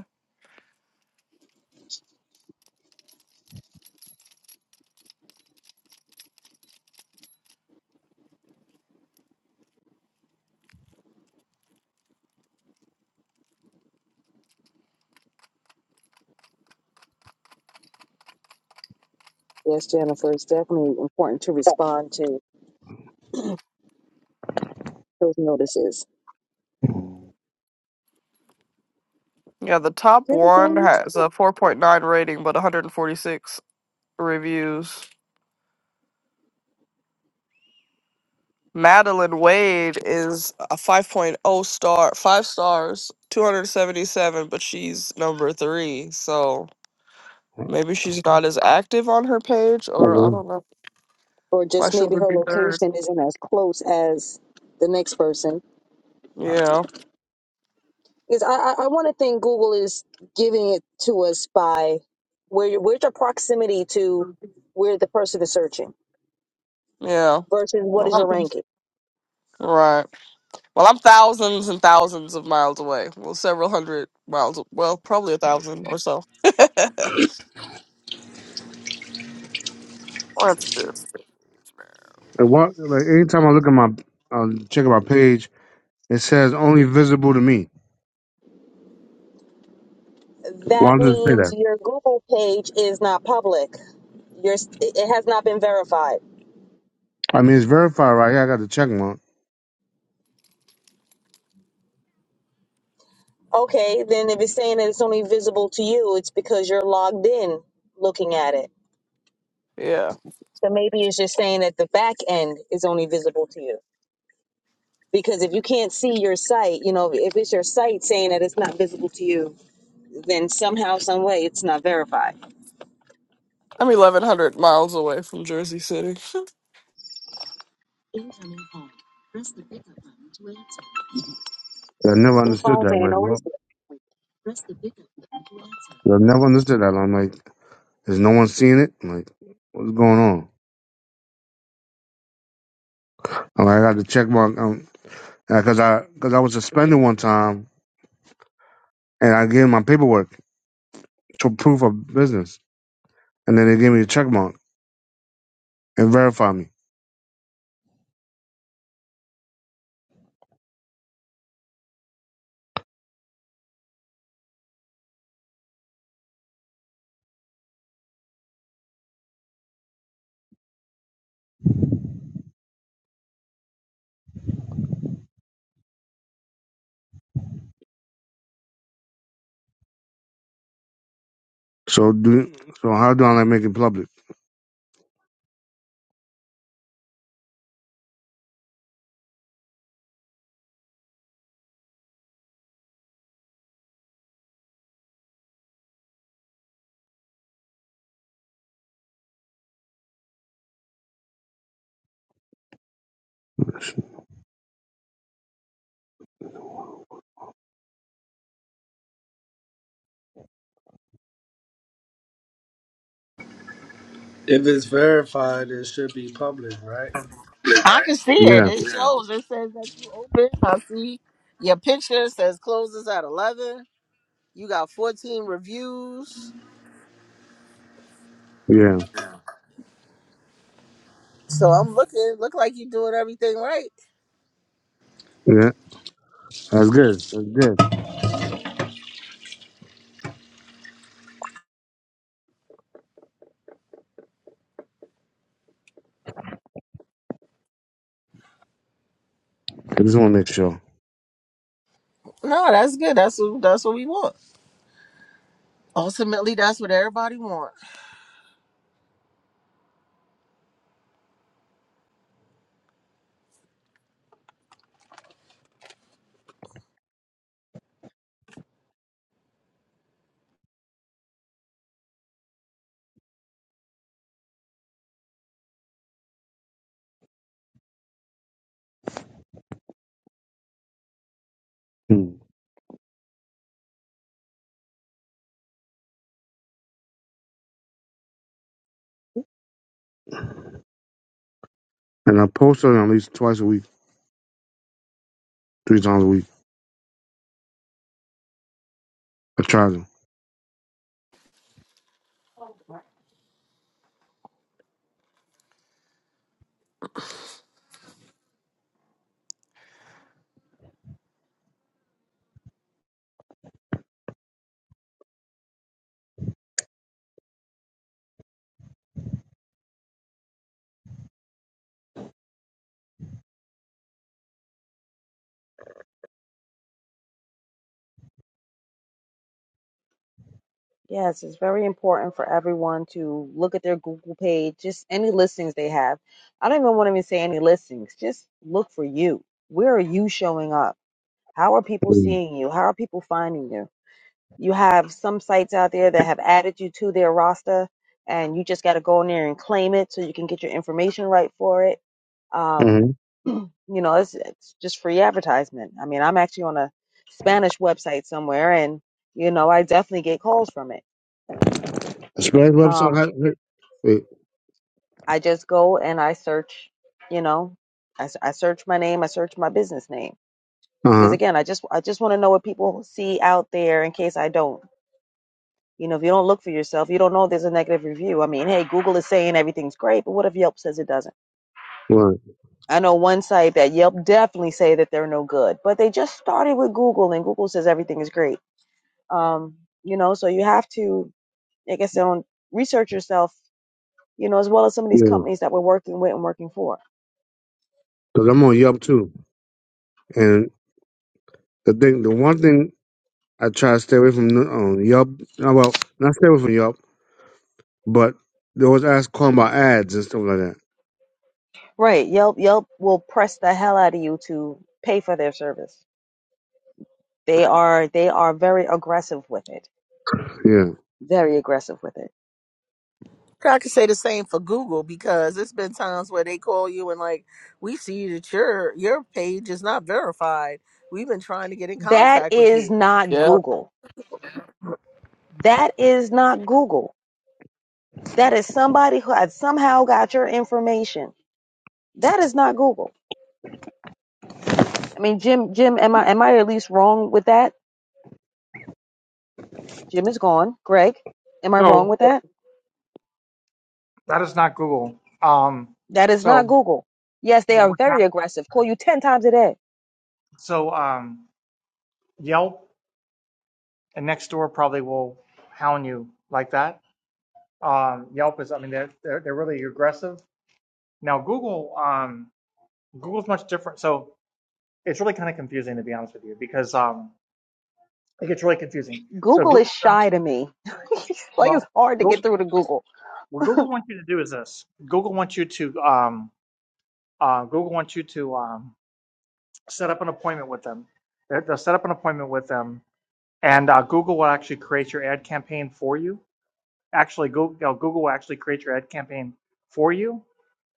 Yes, Jennifer, it's definitely important to respond to those notices.
Yeah, the top
Didn't go
one
in the
has
tool.
a 4.9 rating, but 146 reviews. Madeline Wade is a 5.0 point oh star, five stars, 277, but she's number three. So maybe she's not as active on her page, or I
Mhm.
don't know
Or
why
just
she
maybe her
would be third.
location isn't as close as the next person.
Yeah,
Because I, I, I want to think Google is giving it to us by where where's your proximity to where the person is searching
yeah.
versus what
Well,
is your
I'm-
ranking.
right. Well, I'm thousands and thousands of miles away. Well, several hundred miles. Well, probably a thousand or so. What's this?
And what? Like anytime I look at my, uh, check my page, it says only visible to me.
That
Why does it say
means
that?
your Google page is not public. Your it has not been verified
I mean, it's verified right here. I got the check mark.
Okay, then if it's saying that it's only visible to you, it's because you're logged in looking at it.
Yeah.
So maybe it's just saying that the back end is only visible to you. Because if you can't see your site, you know, if it's your site saying that it's not visible to you, then somehow, some way, it's not verified.
I'm 1,100 miles away from Jersey City.
Incoming call. So the pickup button to answer.
I never
The
understood
phones
that. I'm
ain't
like, no,
always.
I never understood that. I'm like, is no one seeing it? I'm like, what's going on? I'm like, I got the check mark. um, because I because I was suspended one time and I gave my paperwork to proof of business, and then they gave me a check mark and verified me. So do so how do I like make it public?
If it's verified, it should be public, right?
I can see it.
Yeah,
It shows. It says that you open. I see your picture It says closes at eleven. You got fourteen reviews
yeah,
So I'm looking, look like you're doing everything right.
yeah. That's good. That's good. I just want to make sure.
No, that's good. That's what that's what we want. Ultimately, that's what everybody wants.
Hmm. And I post on at least twice a week, three times a week. I try to.
Yes, it's very important for everyone to look at their Google page, just any listings they have. I don't even want to even say any listings. Just look for you. Where are you showing up? How are people seeing you? How are people finding you? You have some sites out there that have added you to their roster, and you just got to go in there and claim it so you can get your information right for it. Um,
Mm-hmm.
you know, it's, it's just free advertisement. I mean, I'm actually on a Spanish website somewhere, and you know, I definitely get calls from it
The spread website.
um,
I, wait.
I just go and I search, you know, I, s- I search my name, I search my business name
Uh
because
huh.
again, I just I just want to know what people see out there in case I don't. You know, if you don't look for yourself, you don't know if there's a negative review. I mean, hey, Google is saying everything's great, but what if Yelp says it doesn't?
Right.
I know one site that Yelp definitely say that they're no good, but they just started with Google and Google says everything is great. Um, you know, so you have to, I guess, um, research yourself, you know, as well as some of these
Yeah.
companies that we're working with and working for.
Because I'm on Yelp too, and the thing, the one thing I try to stay away from um, Yelp. No, Well, not stay away from Yelp, but they always ask calling about ads and stuff like that.
Right. Yelp Yelp will press the hell out of you to pay for their service. They are they are very aggressive with it.
Yeah.
Very aggressive with it.
I could say the same for Google because it's been times where they call you and like, we see that your your page is not verified. We've been trying to get in
That
contact with
is
you.
not
Yeah.
Google. That is not Google. That is somebody who had somehow got your information. That is not Google. I mean, Jim Jim am I am I at least wrong with that? Jim is gone. Greg, am I wrong
So
with that?
that is not Google. Um,
That is
so
not Google. Yes, they
but
are
what
very
happened?
aggressive. Call you 10 times a day
So um, Yelp and Nextdoor probably will hound you like that. Um, Yelp is, I mean, they're they're, they're really aggressive. Now Google, um, Google's much different. So it's really kind of confusing to be honest with you because um, it gets really confusing. So
Google is
Google does
shy to me. it's like it's
well.
hard to get
Go,
through to Google.
what Google wants you to do is this. Google wants you to um, uh, Google wants you to um, set up an appointment with them. They're- They'll set up an appointment with them and uh, Google will actually create your ad campaign for you. Actually, Google, you know, Google will actually create your ad campaign for you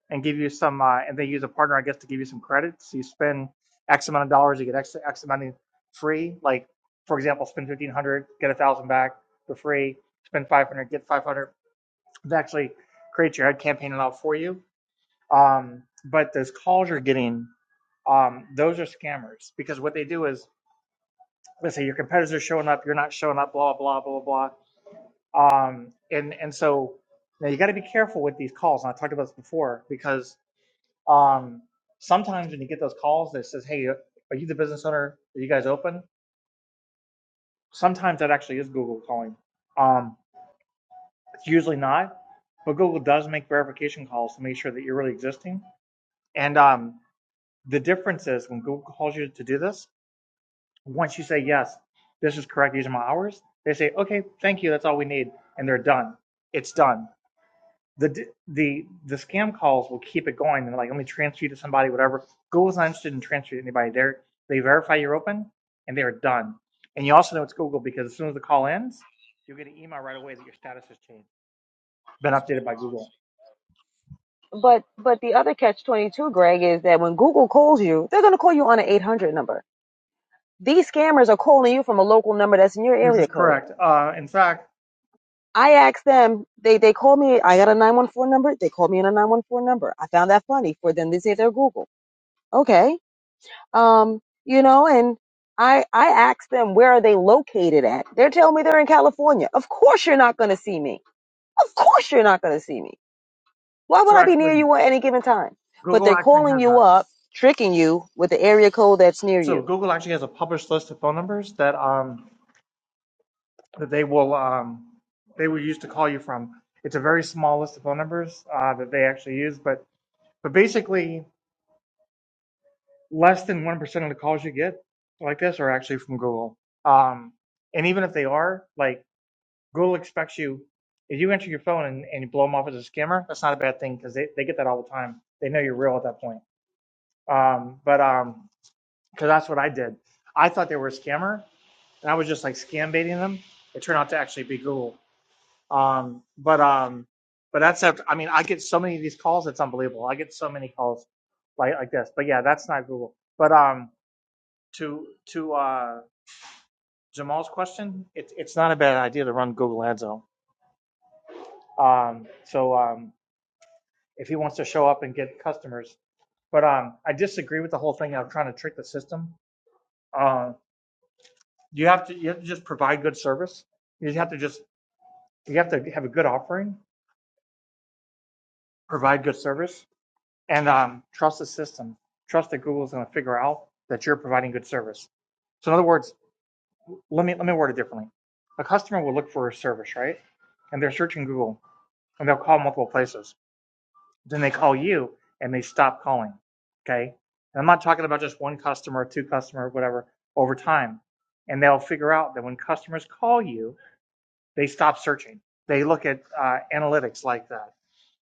and give you some, uh, and they use a partner, I guess, to give you some credits. You spend X amount of dollars, you get X, X amount free. Like, for example, spend 1500 get a 1000 back for free. Spend 500 get 500 They actually create your ad campaign and all for you. Um, but those calls you're getting, um, those are scammers because what they do is, let's say your competitors are showing up, you're not showing up, blah, blah, blah, blah, blah Um, and and so now you got to be careful with these calls. And I talked about this before because um, sometimes when you get those calls that says, "Hey, uh, are you the business owner? Are you guys open?" Sometimes that actually is Google calling. Um, it's usually not, but Google does make verification calls to make sure that you're really existing. And um, the difference is when Google calls you to do this, once you say yes, this is correct. These are my hours. They say, "Okay, thank you. That's all we need," and they're done. It's done the the the scam calls will keep it going. And like, let me transfer you to somebody, whatever. Google is not interested in transferring to anybody. They they verify you're open, and they are done. And you also know it's Google because as soon as the call ends, you'll get an email right away that your status has changed, been updated by Google.
But but the other catch twenty two, Greg, is that when Google calls you, they're gonna call you on an eight hundred number. These scammers are calling you from a local number that's in your
This is
area code.
correct. Uh, in fact,
I asked them, they they called me. I got a nine one four number. They called me on a nine one four number. I found that funny for them to say they're Google. Okay, um, you know, and I I asked them where are they located at. They're telling me they're in California. Of course you're not going to see me. Of course you're not going to see me. Why would
so
I be near
actually,
you at any given time? But
Google
they're
actually
calling
has a
you up, tricking you with the area code that's near
so
you.
Google actually has a published list of phone numbers that um that they will um they will use to call you from. It's a very small list of phone numbers uh, that they actually use, but but basically less than 1% of the calls you get like this are actually from Google. Um, and even if they are, like Google expects you, if you enter your phone and, and you blow them off as a scammer, that's not a bad thing because they, they get that all the time. They know you're real at that point. Um, but um, because that's what I did. I thought they were a scammer and I was just like scam baiting them. It turned out to actually be Google. Um, but um, but that's after, I mean, I get so many of these calls, it's unbelievable. I get so many calls like like this. But yeah, that's not Google. But um, to to uh, Jamal's question, it's it's not a bad idea to run Google Ads though. Um, so um, if he wants to show up and get customers, but um, I disagree with the whole thing of trying to trick the system. Uh, you have to you have to just provide good service. You have to just you have to have a good offering, provide good service, and um, trust the system. Trust that Google's going to figure out that you're providing good service. So in other words, let me let me word it differently. A customer will look for a service, right? And they're searching Google and they'll call multiple places. Then they call you and they stop calling. Okay. And I'm not talking about just one customer, two customer, whatever, over time. And they'll figure out that when customers call you, they stop searching. They look at uh, analytics like that.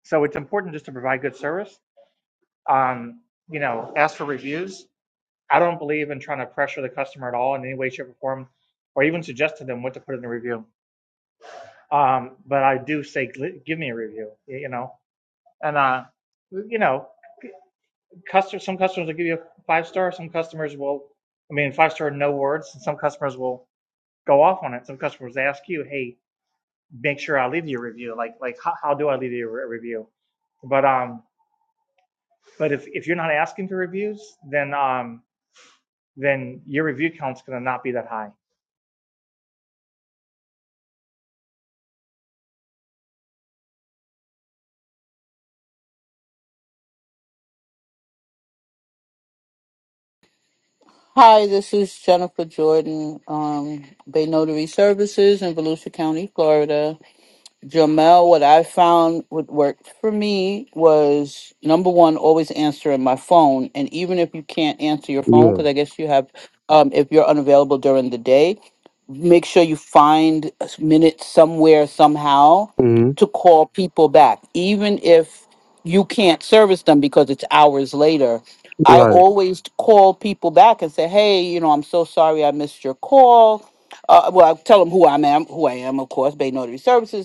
So it's important just to provide good service. Um, you know, ask for reviews. I don't believe in trying to pressure the customer at all in any way, shape, or form, or even suggest to them what to put in the review. Um, but I do say, give me a review, you know, and, uh, you know, Customer, some customers will give you a five star. Some customers will, I mean, five star no words. And some customers will go off on it. Some customers ask you, "Hey, make sure I leave you a review. Like, like how, how do I leave you a review?" But um, but if if you're not asking for reviews, then um, then your review count's gonna not be that high.
Hi, this is Jennifer Jordan, um, Bay Notary Services in Volusia County, Florida. Jamel, what I found what worked for me was number one, always answering my phone. And even if you can't answer your phone,
Yeah.
because I guess you have, um, if you're unavailable during the day, make sure you find a s- minute somewhere somehow
hmm
to call people back even if you can't service them because it's hours later i
Right.
always call people back and say hey you know i'm so sorry i missed your call uh, well i tell them who i am who i am of course bay notary services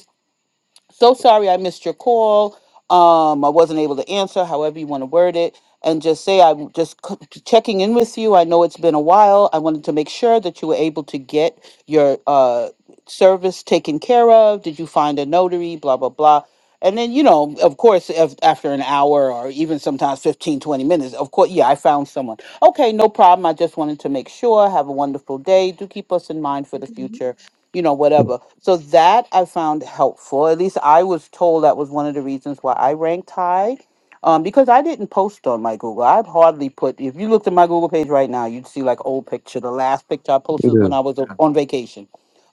so sorry I missed your call. Um, I wasn't able to answer, however you want to word it, and just say I'm just c- checking in with you. I know it's been a while. I wanted to make sure that you were able to get your uh, service taken care of. Did you find a notary? Blah, blah, blah. And then, you know, of course, if, after an hour or even sometimes 15, 20 minutes, of course, yeah, I found someone. Okay, no problem. I just wanted to make sure. Have a wonderful day. Do keep us in mind for the future you know, whatever. So that I found helpful. At least I was told that was one of the reasons why I ranked high. Um, because I didn't post on my Google. I've hardly put if you looked at my Google page right now, you'd see like old picture. The last picture I posted
Yeah.
when I was o- on vacation.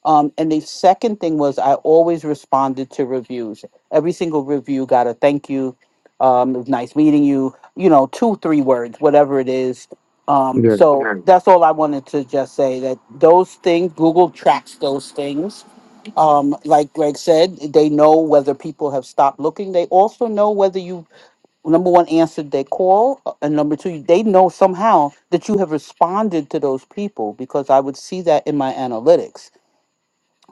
Um, and the second thing was I always responded to reviews. Every single review got a thank you. Um, it was nice meeting you, you know, two, three words, whatever it is um,
Yeah.
so that's all I wanted to just say that those things, Google tracks those things. Um, like Greg said, they know whether people have stopped looking. They also know whether you, number one, answered their call, uh, and number two, they know somehow that you have responded to those people because I would see that in my analytics.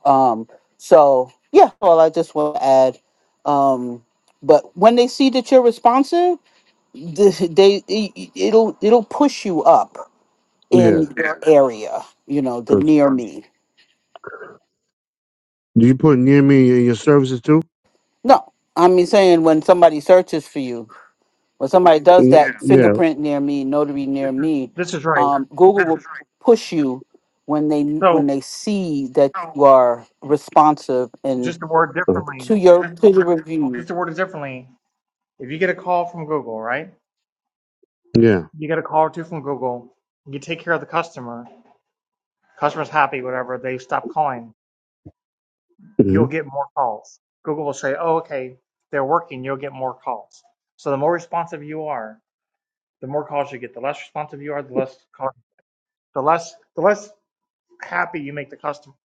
Um, so, yeah, all I just want to add. Um, but when they see that you're responsive, th- they it- it'll it'll push you up in
Yeah.
your area, you know, the
'Cause
near me.
do you put near me in your services too?
No, I mean saying when somebody searches for you, when somebody does
Mm,
that Yeah.
Yeah.
fingerprint near me, notary near me,
This is right.
um, Google
Yeah.
will push you when they when
So
they see that you are responsive and
just to word
Oh,
differently,
to your to the review.
just to word it differently, if you get a call from Google, right?
Yeah.
You get a call or two from Google, you take care of the customer, customer's happy, whatever, they stop calling.
hmm
you'll get more calls. Google will say, oh, okay, they're working, you'll get more calls. So the more responsive you are, the more calls you get. The less responsive you are, the less call, the less the less happy you make the customer.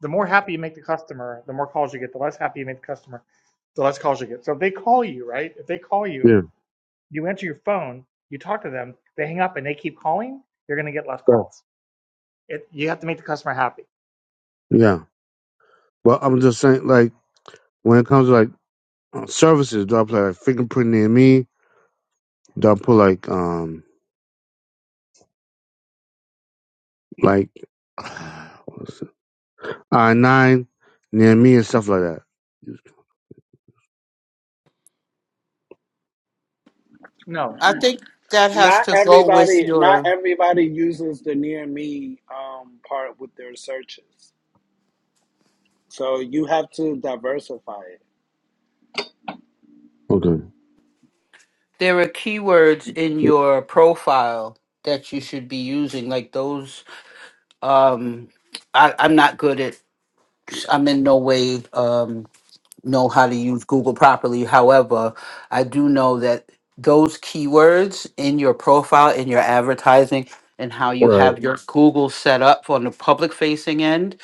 The more happy you make the customer, the more calls you get. The less happy you make the customer, the less calls you get. So if they call you, right? If they call you,
Yeah.
you answer your phone, you talk to them, they hang up and they keep calling, you're going to get less
Right.
calls. It, you have to make the customer happy.
Yeah. Well, I'm just saying, like, when it comes to like uh, services, do I put like fingerprint near me? Do I put like um like I nine near me and stuff like that?
No,
I think that has
Not
to go with
everybody, not
your.
everybody uses the near me um, part with their searches. So you have to diversify it.
Okay.
There are keywords in your profile that you should be using, like those um, I, I'm not good at I'm in no way um, know how to use Google properly. However, I do know that those keywords in your profile, in your advertising, and how you
Right.
have your Yes. Google set up on the public facing end,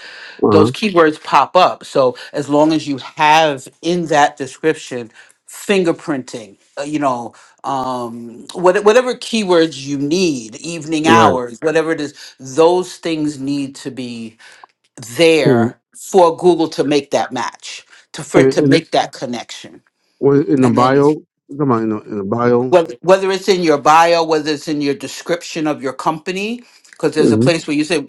Uh-huh.
those keywords pop up. So as long as you have in that description fingerprinting, uh, you know, um, what, whatever keywords you need, evening
Right.
hours, whatever it is, those things need to be
And
there for Google to make that match, to for it
and,
to
and
make that connection.
was it in the
And then
bio? Come on, in the, in the bio.
whether, whether it's in your bio, whether it's in your description of your company, because there's a
Mm-hmm.
place where you say,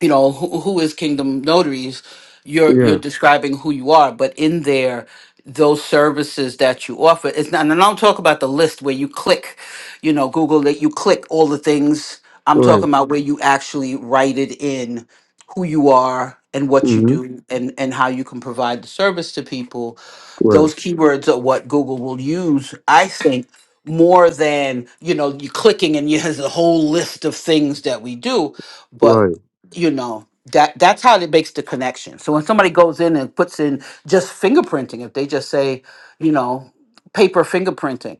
you know, who, who is Kingdom Notaries? You're
Yeah.
you're describing who you are, but in there, those services that you offer, it's not. And I don't talk about the list where you click, you know, Google that you click all the things. I'm
Right.
talking about where you actually write it in who you are and what you
Mm-hmm.
do and and how you can provide the service to people
Right.
those keywords are what Google will use, I think, more than you know you clicking and you has a whole list of things that we do but
Right.
you know that that's how it makes the connection so when somebody goes in and puts in just fingerprinting if they just say you know paper fingerprinting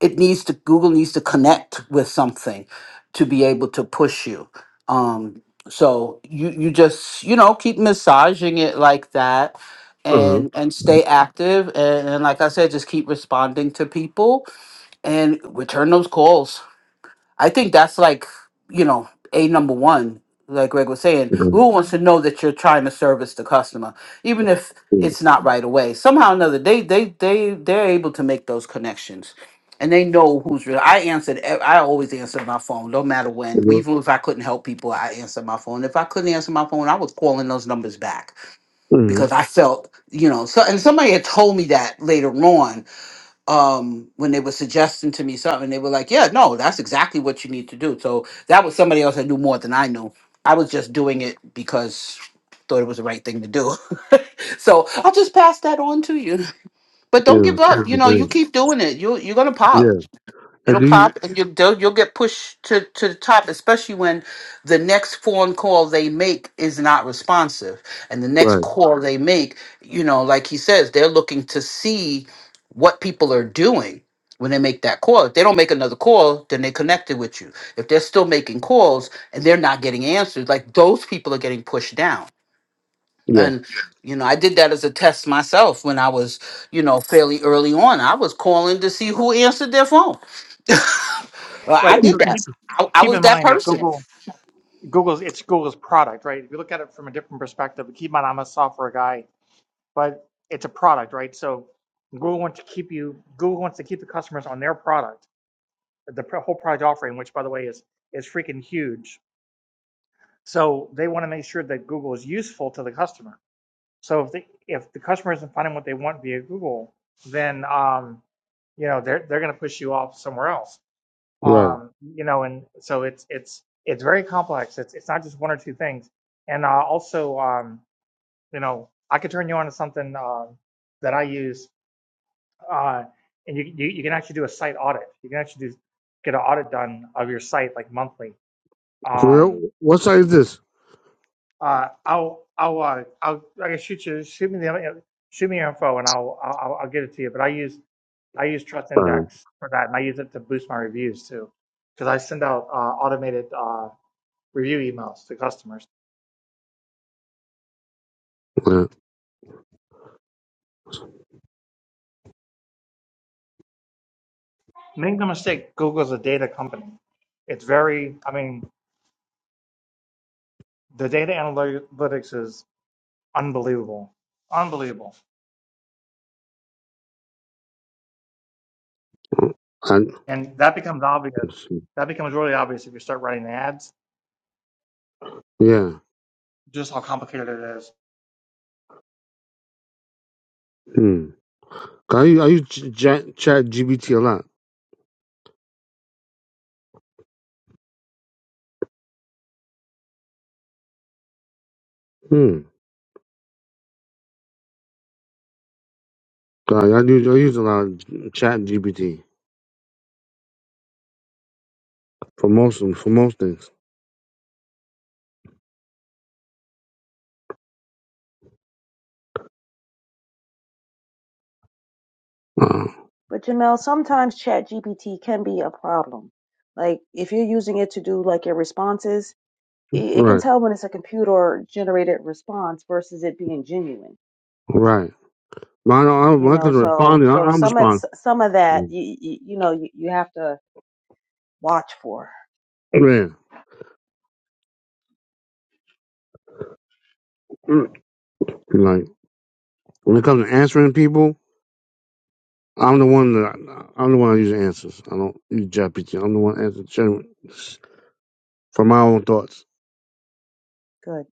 it needs to google needs to connect with something to be able to push you um so you you just you know keep massaging it like that
Uh huh.
and and stay active and, and like i said just keep responding to people and return those calls. I think that's like, you know, a number one, like Greg was saying.
Okay.
Google wants to know that you're trying to service the customer, even if
Yeah.
it's not right away. Somehow or another, they they they they're able to make those connections. And they know who's real. I answered. e- I always answered my phone, no matter when. Even if I couldn't help people, I answered my phone. If I couldn't answer my phone, I was calling those numbers back
Mm-hmm.
because I felt, you know. So, and somebody had told me that later on, um when they were suggesting to me something they were like yeah no that's exactly what you need to do so that was somebody else that knew more than i knew i was just doing it because thought it was the right thing to do so i'll just pass that on to you but don't
Yeah.
give up
Thank
you
you
know
so
you
much.
keep doing it you you're gonna pop
Yeah. And
It'll
do you?
pop, and you'll they'll- you'll get pushed to to the top, especially when the next phone call they make is not responsive, and the next
Right.
call they make, you know, like he says, they're looking to see what people are doing when they make that call. If they don't make another call, then they connected with you. If they're still making calls and they're not getting answers, like those people are getting pushed down.
Yeah.
And you know, I did that as a test myself when I was, you know, fairly early on. I was calling to see who answered their phone well, I
right.
did
So
that.
keep
I, I
keep
was
in
that
mind that
person.
Google Google's it's Google's product, right? If you look at it from a different perspective, keep in mind I'm a software guy, but it's a product, right? So Google wants to keep you Google wants to keep the customers on their product, the pr- whole product offering, which by the way is is freaking huge. So they want to make sure that Google is useful to the customer. So if the if the customer isn't finding what they want via Google, then um, you know they're they're going to push you off somewhere else
Right.
um, you know, and so it's it's it's very complex. It's it's not just one or two things. And uh, also, um, you know, I could turn you on to something uh, that I use, uh, and you, you you can actually do a site audit. You can actually do get an audit done of your site like monthly.
For real?
Um,
What site is this?
uh, I'll I'll uh, I'll I can shoot you shoot me the uh, shoot me your info and I'll I'll, I'll get it to you. But I use I use Trust
Uh,
Index for that, and I use it to boost my reviews too, because I send out uh, automated. uh, review emails to customers.
uh,
Make no mistake, Google's a data company. It's very, I mean, the data analytics is unbelievable, unbelievable,
I,
and that becomes obvious.
let's see.
That becomes really obvious if you start running ads.
yeah.
Just how complicated it is.
Hmm. I use, I use Ch- Chat Chat G B T a lot. Hmm. I, I use I use a lot of Chat GBT for most of- for most things. Uh,
But Jamel, sometimes ChatGPT can be a problem. Like if you're using it to do like your responses, it, it can
right.
tell when it's a computer generated response versus it being genuine
Right. Well, I
you
when it
know
comes to
so
responding, I,
so
I'm
some of
responsive.
some of that you you, you know you, you have to watch for
Yeah. Mm. Like when it comes to answering people, I'm the one that I'm the one that usually answers. I don't use GPT. I'm the one answering genuine- for my own thoughts.
good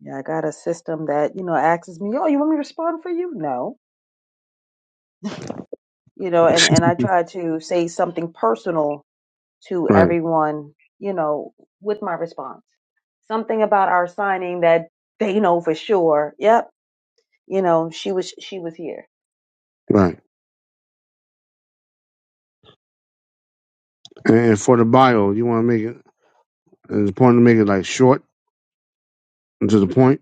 yeah i got a system that you know asks me oh you want me to respond for you no you know and and i try to say something personal to
Right.
everyone you know with my response something about our signing that they know for sure yep you know she was she was here
Right. And for the bio, you want to make it. It's important to make it like short and to the point.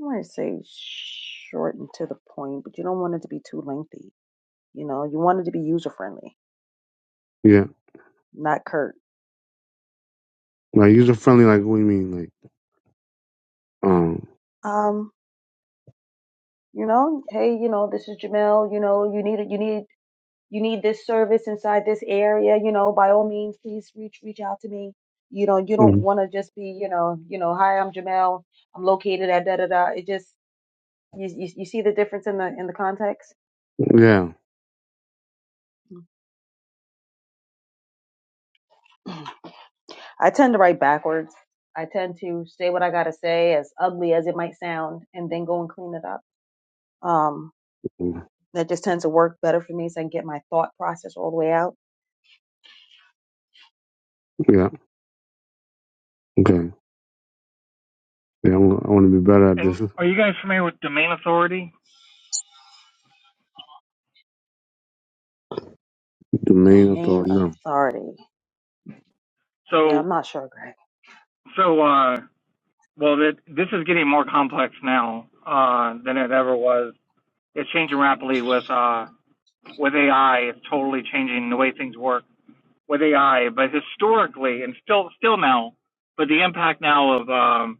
i want to say short and to the point but you don't want it to be too lengthy you know you want it to be user friendly
Yeah.
not curt
Like user friendly. Like what do you mean? Like um.
um, you know, hey, you know, this is Jamel, you know, you need you need you need this service inside this area, you know, by all means, please reach reach out to me. You know, you don't
mhm.
want to just be, you know, you know, hi, I'm Jamel, I'm located at da da da. It just you, you you see the difference in the in the context.
Yeah.
I tend to write backwards. I tend to say what I gotta say, as ugly as it might sound, and then go and clean it up. Um, that just tends to work better for me, so I can get my thought process all the way out.
Yeah. Okay. Yeah. I want to be better at
And
this.
are you guys familiar with domain authority?
Domain
Domain
authority. No.
authority. Yeah,
So,
I'm not sure, Greg.
so uh, well, that this is getting more complex now uh, than it ever was. It's changing rapidly with uh, with AI. It's totally changing the way things work. with AI, but historically and still still now, but the impact now of um,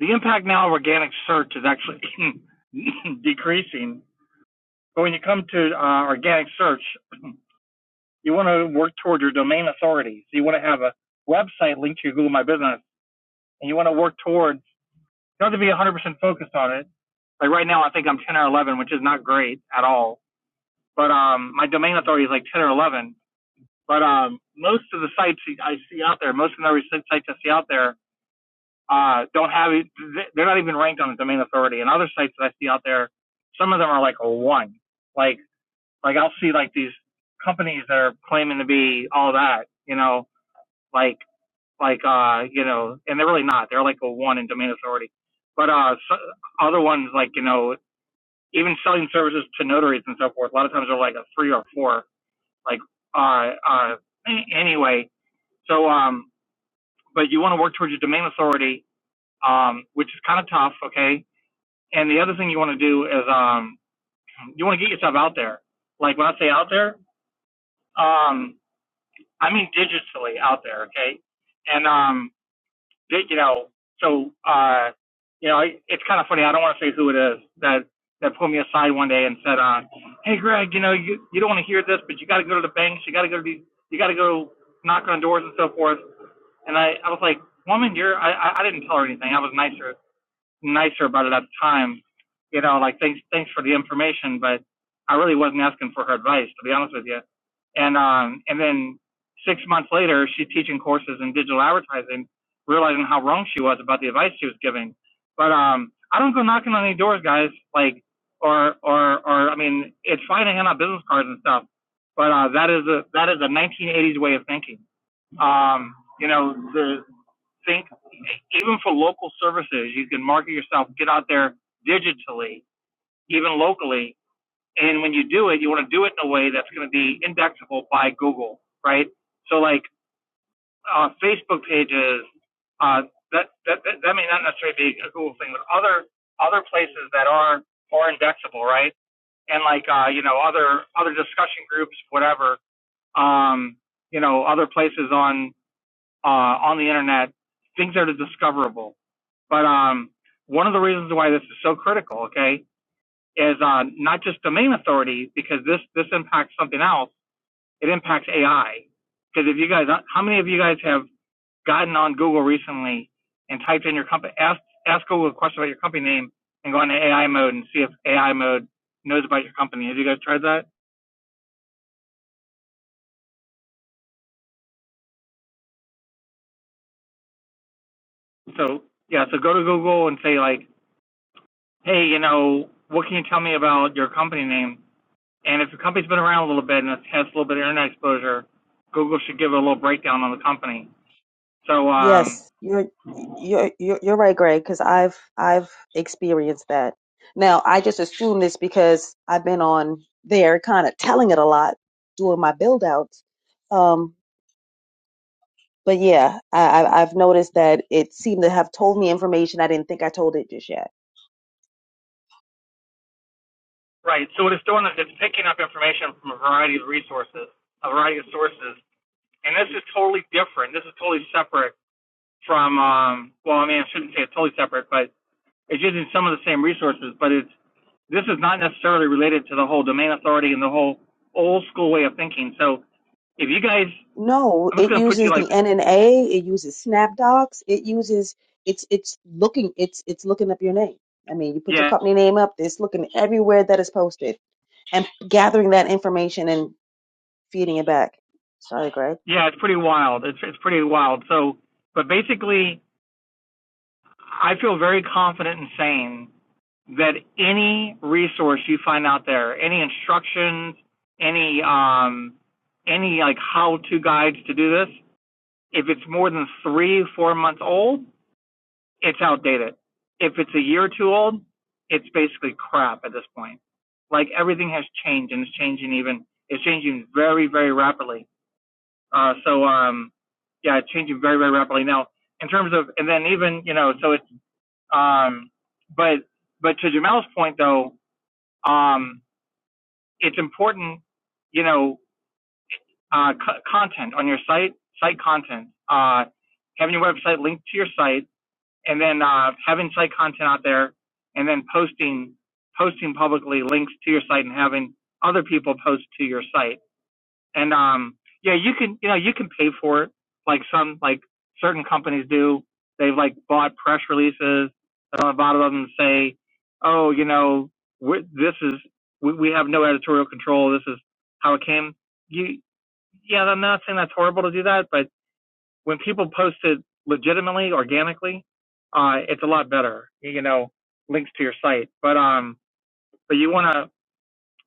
the impact now of organic search is actually decreasing. But when you come to uh, organic search, you want to work toward your domain authority. So you want to have a website linked to your Google My Business, and you want to work towards not to be 100% focused on it. Like right now, I think I'm 10 or 11, which is not great at all. But um, my domain authority is like 10 or 11. But um, most of the sites I see out there, most of the sites I see out there uh, don't have it. They're not even ranked on the domain authority. And other sites that I see out there, some of them are like a one. Like, like I'll see like these companies that are claiming to be all that, you know, like, like, uh, you know, and they're really not. They're like a one in domain authority. But, uh, so, other ones like, you know, even selling services to notaries and so forth, a lot of times they're like a three or four. Like, uh, uh, anyway, so, um, but you want to work towards your domain authority, um, which is kind of tough, okay? And the other thing you want to do is um, you want to get yourself out there. Like when I say out there, um, I mean digitally out there, okay? And um, di- you know, so uh, you know, it- it's kind of funny. I don't want to say who it is that that pulled me aside one day and said, uh, "Hey, Greg, you know, you you don't want to hear this, but you got to go to the banks. You got to go to these. You got to go knock on doors and so forth." And I I was like, "Woman, you're I I didn't tell her anything. I was nicer nicer about it at the time. You know, like thanks thanks for the information, but I really wasn't asking for her advice to be honest with you. And um and then six months later, she's teaching courses in digital advertising, realizing how wrong she was about the advice she was giving. But um I don't go knocking on any doors, guys. Like or or or I mean, it's fine to hand out business cards and stuff, but uh, that is a that is a 1980s way of thinking. Um, you know, the think even for local services, you can market yourself, get out there digitally, even locally. And when you do it, you want to do it in a way that's going to be indexable by Google, right? So like uh, Facebook pages, uh, that, that that may not necessarily be a Google thing, but other other places that are are indexable, right? And like uh, you know other other discussion groups, whatever. Um, you know other places on uh, on the internet, things that are discoverable. But um, one of the reasons why this is so critical, okay, is uh, not just domain authority because this this impacts something else. It impacts AI because if you guys, uh, how many of you guys have gotten on Google recently and typed in your company, asked asked Google a question about your company name and go into AI mode and see if AI mode knows about your company? Have you guys tried that? So yeah, so go to Google and say like, hey, you know, what can you tell me about your company name? And if the company's been around a little bit and it has a little bit of internet exposure, Google should give it a little breakdown on the company. So, um,
Yes, you're you're you're, you're right, Greg, because I've I've experienced that. Now I just assume this because I've been on there, kind of telling it a lot, doing my build outs. um, But yeah, I, I, I've noticed that it seemed to have told me information I didn't think I told it just yet.
right. So what it's doing is it's picking up information from a variety of resources, a variety of sources, and this is totally different. This is totally separate from. Um, well, I mean, I shouldn't say it's totally separate, but it's using some of the same resources, but it's this is not necessarily related to the whole domain authority and the whole old school way of thinking. So, if you guys,
No,
I'm just
it
going to put you
uses the
like,
NNA, it uses SnapDocs, it uses it's it's looking it's it's looking up your name. I mean, you put your
yeah,
company name up, it's looking everywhere that is posted and gathering that information feeding it back. Sorry, Greg.
Yeah, it's pretty wild. It's it's pretty wild. So, but basically, I feel very confident in saying that any resource you find out there, any instructions, any um, any like how-to guides to do this, if it's more than three, four months old, it's outdated. If it's a year or two old, it's basically crap at this point. Like everything has changed and it's changing even it's changing very, very rapidly. Uh, so um, yeah, it's changing very very rapidly now. In terms of and then even you know so it's um, but but to Jamel's point though, um, it's important you know uh, co- content on your site, site content, uh, having your website linked to your site, and then uh, having site content out there, and then posting posting publicly links to your site and having other people post to your site And um, yeah, you can you know you can pay for it like some like certain companies do. They've like bought press releases that on the bottom of them say, oh, you know, we this is we, we have no editorial control. This is how it came. You yeah, I'm not saying that's horrible to do that, but when people post it legitimately, organically, uh, it's a lot better. You know, links to your site, but um, but you want to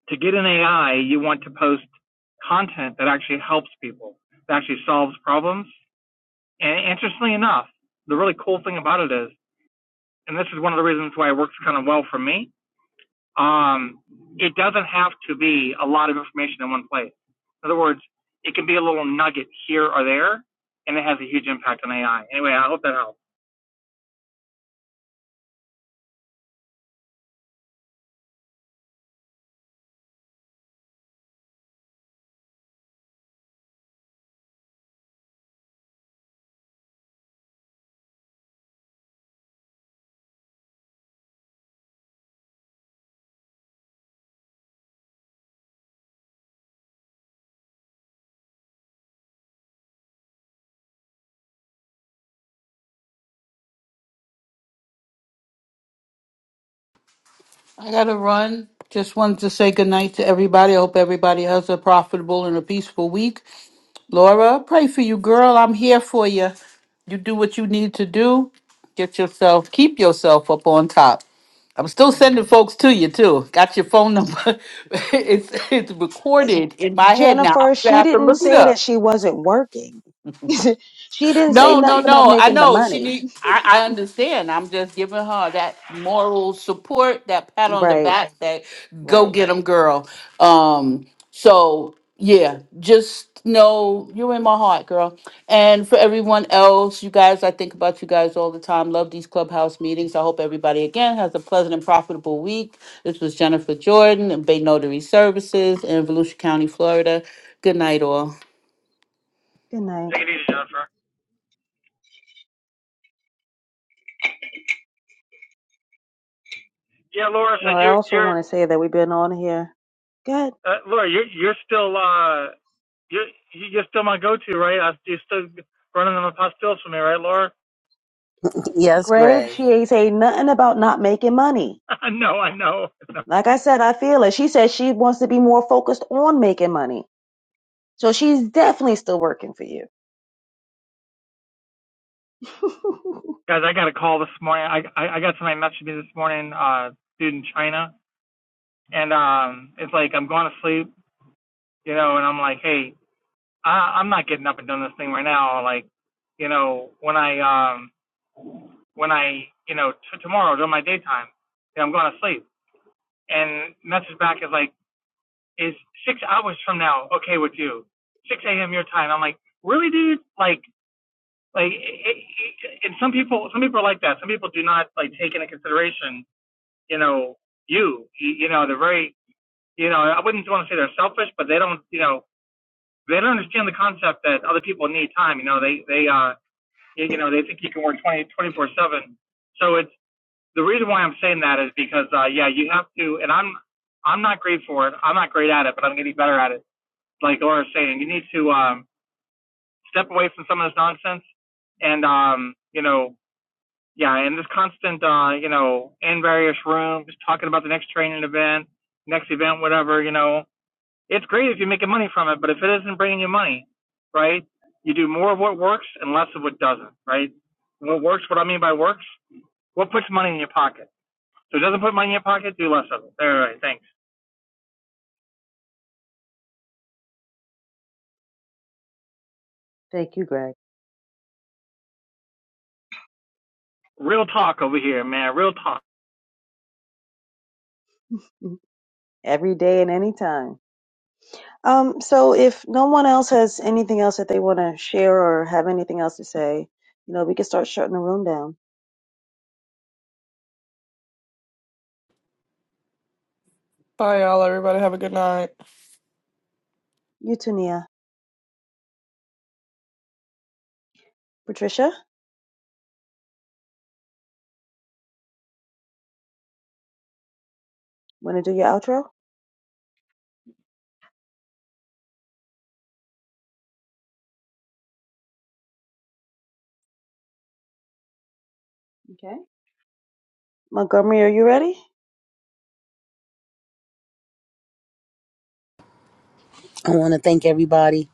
to get an AI, you want to post content that actually helps people, that actually solves problems. And interestingly enough, the really cool thing about it is, and this is one of the reasons why it works kind of well for me, um, it doesn't have to be a lot of information in one place. In other words, it can be a little nugget here or there, and it has a huge impact on AI. Anyway, I hope that helps.
I gotta run. Just wanted to say good night to everybody. I hope everybody has a profitable and a peaceful week. Laura, pray for you, girl. I'm here for you. You do what you need to do. Get yourself, keep yourself up on top. I'm still
Right.
sending folks to you too. Got your phone number. it's it's
Uh,
recorded in my head now. I'm
Jennifer,
gonna
she
have to
didn't
look it
say
up.
that she wasn't working. she didn't say
No, no,
nothing about
no. I
making the
know she
money.
need. I, I understand. I'm just giving her that moral support, that pat on the
Right,
back, that go
right.
get 'em, girl. Um. So yeah, just know you're in my heart, girl. And for everyone else, you guys, I think about you guys all the time. Love these clubhouse meetings. I hope everybody again has a pleasant and profitable week. This was Jennifer Jordan and Bay Notary Services in Volusia County, Florida. Good night, all.
Good night.
Take it easy, Jennifer. Yeah, Laura so
Well, I
you're
also
you're
want to say that we've been on here. Good.
Uh, Laura, you're you're still uh you're you're still my go-to, right? I, you're still running them past pills for me, right, Laura?
Yes,
Greg,
Greg.
she ain't say nothing about not making money.
I know, I know.
Like I said, I feel it. She said she wants to be more focused on making money. So she's definitely still working for you.
Guys, I got a call this morning. I I, I got somebody messaging me this morning, uh, dude in China, and um, it's like I'm going to sleep, you know, and I'm like, hey, I, I'm not getting up and doing this thing right now. Like, you know, when I um when I you know t- tomorrow during my daytime, you know, I'm going to sleep. And message back is like. is six hours from now okay with you? 6 a.m. your time. I'm like, really, dude? Like, like, it, it, and some people, some people are like that. Some people do not like take into consideration, you know, you, you know, they're very, you know, I wouldn't want to say they're selfish, but they don't, you know, they don't understand the concept that other people need time. You know, they, they, uh, you know, they think you can work twenty, twenty seven. So it's the reason why I'm saying that is because, uh, yeah, you have to, and I'm, I'm not great for it. I'm not great at it, but I'm getting better at it like Laura's saying, you need to um, step away from some of this nonsense and um, you know, yeah, and this constant uh, you know, in various rooms talking about the next training event, next event, whatever, you know. It's great if you're making money from it, but if it isn't bringing you money, right? You do more of what works and less of what doesn't, right? What works, what I mean by works, what puts money in your pocket. So it doesn't put money in your pocket, do less of it. All right, thanks.
Thank you, Greg.
Real talk over here, man. Real talk.
Every day and any time. Um, so if no one else has anything else that they want to share or have anything else to say, you know, we can start shutting the room down.
Bye, y'all. Everybody have a good night.
You too, Nia. Patricia, want to do your outro? Okay. Montgomery, are you ready?
I want to thank everybody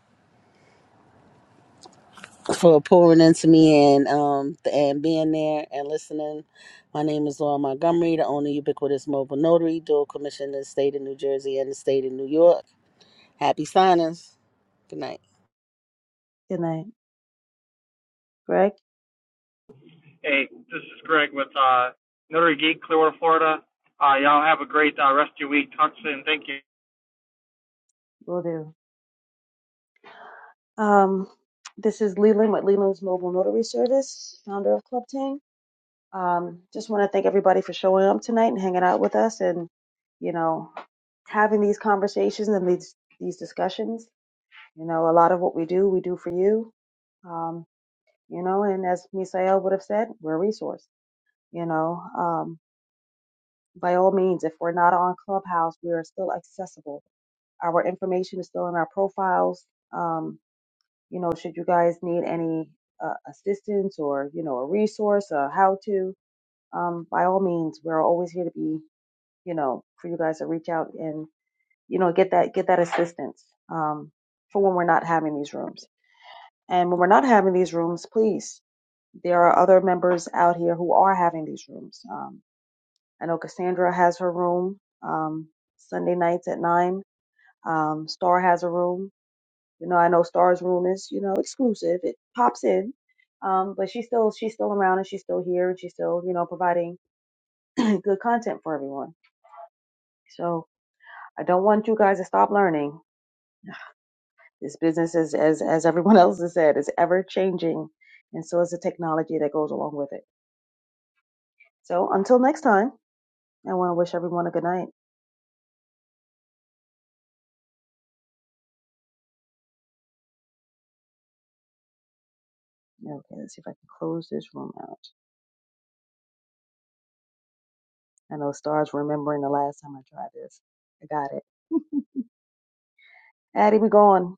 for pouring into me and um and being there and listening. My name is Laura Montgomery, the owner of Ubiquitous Mobile Notary, dual commissioned in the state of New Jersey and the state of New York. Happy signings. Good night.
Good night. Greg,
Hey, this is Greg with uh, Notary Geek, Clearwater, Florida. Uh, y'all have a great uh, rest of your week. Talk soon. Thank you.
will do. Um, this is Leland with Leland's Mobile Notary Service, founder of Club Ting. Um, just want to thank everybody for showing up tonight and hanging out with us and, you know, having these conversations and these, these discussions. You know, a lot of what we do, we do for you Um, you know, and as Misael would have said, we're a resource. You know, um, by all means, if we're not on Clubhouse, we are still accessible. Our information is still in our profiles. Um, you know, should you guys need any uh, assistance or, you know, a resource, a how to, um, by all means, we're always here to be, you know, for you guys to reach out and, you know, get that, get that assistance um, for when we're not having these rooms. And when we're not having these rooms, please, there are other members out here who are having these rooms. Um, I know Cassandra has her room um, Sunday nights at nine. Um, Star has a room. You know, I know Star's room is you know exclusive. It pops in, um, but she's still she's still around and she's still here and she's still you know providing good content for everyone. So I don't want you guys to stop learning. This business is as as everyone else has said is ever changing, and so is the technology that goes along with it. So until next time, I want to wish everyone a good night. Okay, let's see if I can close this room out. I know Star's remembering the last time I tried this. I got it. Addie, we gone.